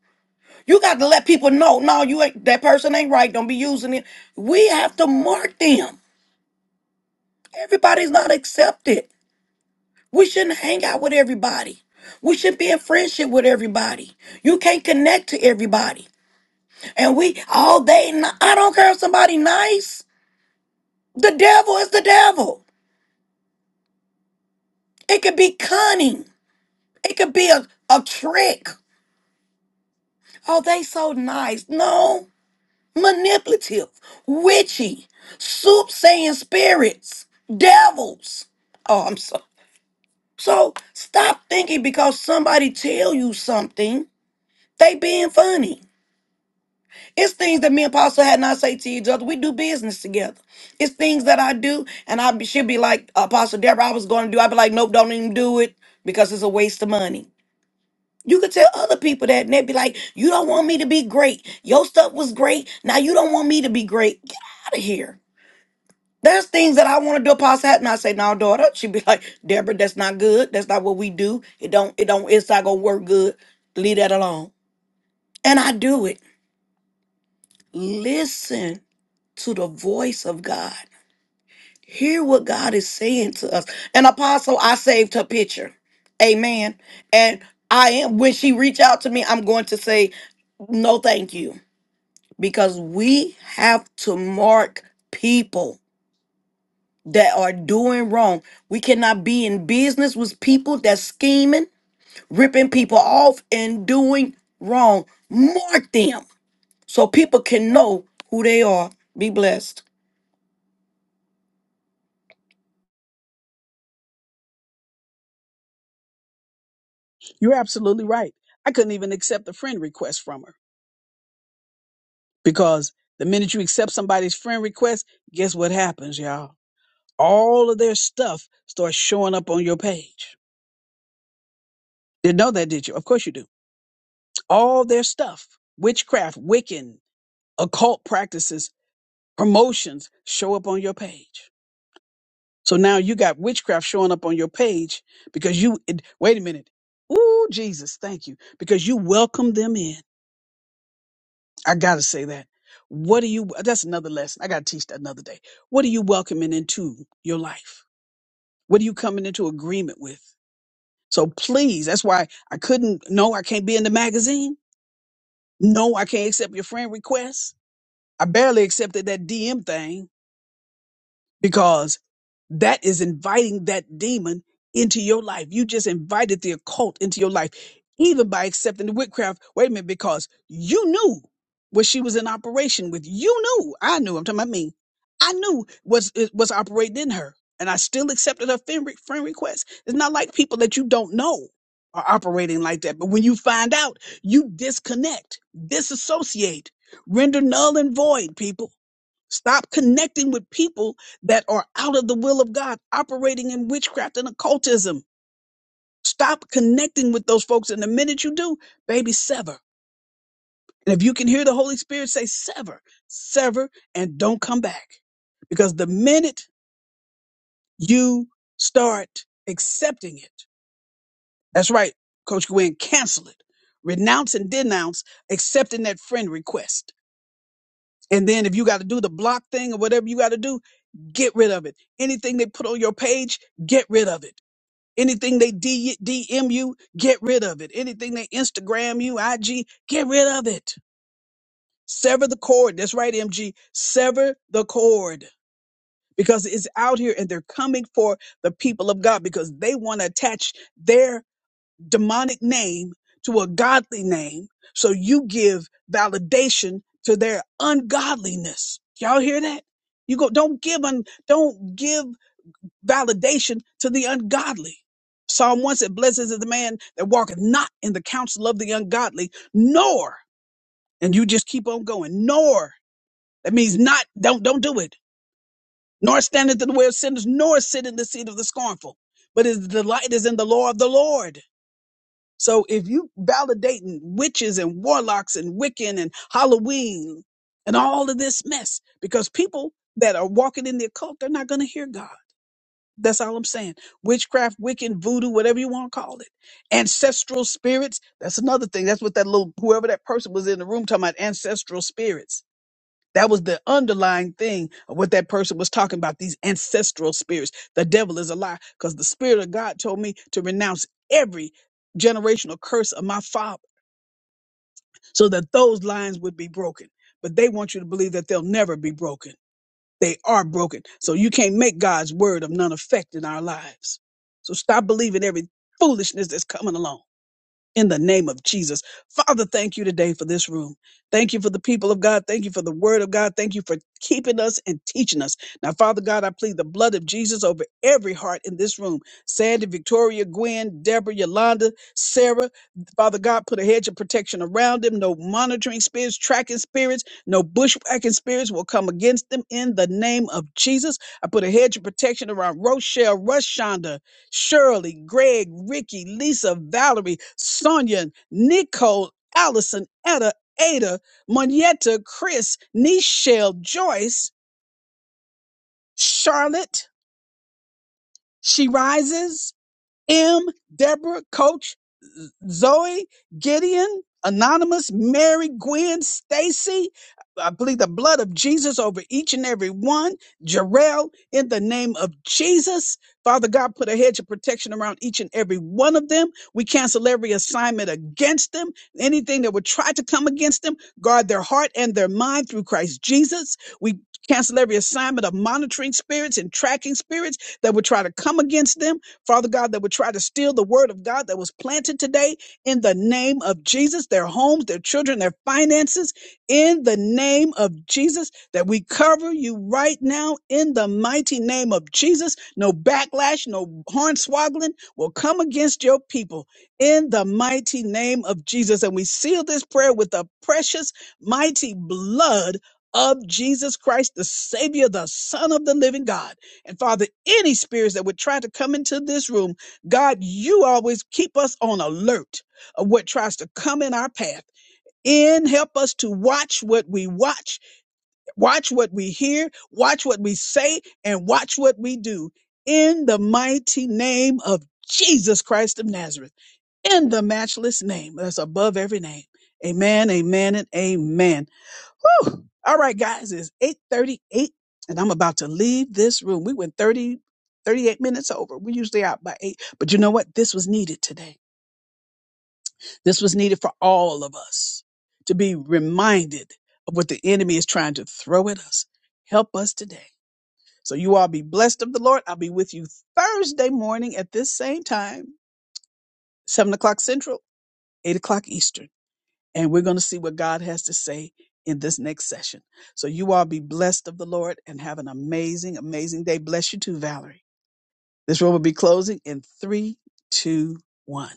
[SPEAKER 6] You got to let people know, no, you ain't that person ain't right. Don't be using it. We have to mark them. Everybody's not accepted. We shouldn't hang out with everybody. We should be in friendship with everybody. You can't connect to everybody. And we all day, I don't care if somebody nice. The devil is the devil. It could be cunning. It could be a, a trick. Oh, they so nice. No, manipulative, witchy, soothsaying spirits, devils. Oh, I'm so so stop thinking because somebody tell you something, they being funny. It's things that me and Apostle had not say to each other. We do business together. It's things that I do, and I be- she'll be like, Apostle Deborah, I was going to do. I'd be like, nope, don't even do it because it's a waste of money. You could tell other people that, and they'd be like, You don't want me to be great. Your stuff was great. Now you don't want me to be great. Get out of here. There's things that I want to do past that, and I say, No, daughter. She'd be like, Deborah, that's not good. That's not what we do. It don't, it don't, it's not gonna work good. Leave that alone. And I do it. Listen to the voice of God. Hear what God is saying to us. And apostle, I saved her picture. Amen. And I am when she reach out to me, I'm going to say, No, thank you because we have to mark people that are doing wrong. We cannot be in business with people that's scheming, ripping people off, and doing wrong. Mark them so people can know who they are. Be blessed.
[SPEAKER 1] You're absolutely right. I couldn't even accept a friend request from her because the minute you accept somebody's friend request, guess what happens, y'all? all of their stuff starts showing up on your page. Didn't know that, did you? Of course you do. All their stuff, witchcraft, Wiccan, occult practices, promotions show up on your page. So now you got witchcraft showing up on your page because you, it, wait a minute. Ooh, Jesus, thank you. Because you welcome them in. I got to say that. What do you, that's another lesson. I got to teach that another day. What are you welcoming into your life? What are you coming into agreement with? So please, that's why I couldn't. No, I can't be in the magazine. No, I can't accept your friend request. I barely accepted that DM thing because that is inviting that demon into your life. You just invited the occult into your life, even by accepting the witchcraft. Wait a minute, because you knew what she was in operation with. You knew. I knew. I'm talking about me. I knew was it was operating in her, and I still accepted her friend, re- friend request. It's not like people that you don't know are operating like that. But when you find out, you disconnect, disassociate, render null and void. People, stop connecting with people that are out of the will of God, operating in witchcraft and occultism. Stop connecting with those folks. And the minute you do, baby, sever. And if you can hear the Holy Spirit say, sever, sever, and don't come back. Because the minute you start accepting it, that's right, Coach Gwen, cancel it. Renounce and denounce accepting that friend request. And then if you got to do the block thing or whatever you got to do, get rid of it. Anything they put on your page, get rid of it Anything they D- DM you, get rid of it. Anything they Instagram you, IG, get rid of it. Sever the cord. That's right, MG. Sever the cord because it's out here and they're coming for the people of God because they want to attach their demonic name to a godly name. So you give validation to their ungodliness. Y'all hear that? You go, don't give un, don't give validation to the ungodly. Psalm 1 said, Blessed is the man that walketh not in the counsel of the ungodly, nor, and you just keep on going, nor, that means not, don't, don't do it, nor standeth in the way of sinners, nor sit in the seat of the scornful. But his delight is in the law of the Lord. So if you validating witches and warlocks and Wiccan and Halloween and all of this mess, because people that are walking in the occult, they're not going to hear God That's all I'm saying. Witchcraft, Wiccan, voodoo, whatever you want to call it. Ancestral spirits. That's another thing. That's what that little, whoever that person was in the room talking about, ancestral spirits. That was the underlying thing of what that person was talking about, these ancestral spirits. The devil is a lie because the Spirit of God told me to renounce every generational curse of my father so that those lines would be broken. But they want you to believe that they'll never be broken. They are broken. So you can't make God's word of none effect in our lives. So stop believing every foolishness that's coming along in the name of Jesus. Father, thank you today for this room. Thank you for the people of God. Thank you for the word of God. Thank you for keeping us and teaching us. Now, Father God, I plead the blood of Jesus over every heart in this room. Sandy, Victoria, Gwen, Deborah, Yolanda, Sarah. Father God, put a hedge of protection around them. No monitoring spirits, tracking spirits, no bushwhacking spirits will come against them in the name of Jesus. I put a hedge of protection around Rochelle, Rushonda, Shirley, Greg, Ricky, Lisa, Valerie, Sonia, Nicole, Allison, Etta, Ada, Monietta, Chris, Nichelle, Joyce, Charlotte, She Rises, M, Deborah, Coach, Zoe, Gideon, Anonymous, Mary, Gwen, Stacy. I believe the blood of Jesus over each and every one. Jarrell, in the name of Jesus, Father God, put a hedge of protection around each and every one of them. We cancel every assignment against them. Anything that would try to come against them, guard their heart and their mind through Christ Jesus. We cancel every assignment of monitoring spirits and tracking spirits that would try to come against them. Father God, that would try to steal the word of God that was planted today in the name of Jesus, their homes, their children, their finances, in the name of Jesus, that we cover you right now in the mighty name of Jesus. No backlash, no hornswaggling will come against your people in the mighty name of Jesus. And we seal this prayer with the precious, mighty blood of Jesus Christ, the Savior, the Son of the living God. And Father, any spirits that would try to come into this room, God, you always keep us on alert of what tries to come in our path. And help us to watch what we watch, watch what we hear, watch what we say, and watch what we do. In the mighty name of Jesus Christ of Nazareth, in the matchless name that's above every name. Amen, amen, and amen. Whew. All right, guys, it's 838 and I'm about to leave this room. We went 30 38 minutes over. We usually out by eight, but you know what? This was needed today. This was needed for all of us to be reminded of what the enemy is trying to throw at us. Help us today. So you all be blessed of the Lord. I'll be with you Thursday morning at this same time, seven o'clock central, eight o'clock Eastern. and we're going to see what God has to say in this next session. So you all be blessed of the Lord and have an amazing, amazing day. Bless you too, Valerie. This room will be closing in three, two, one.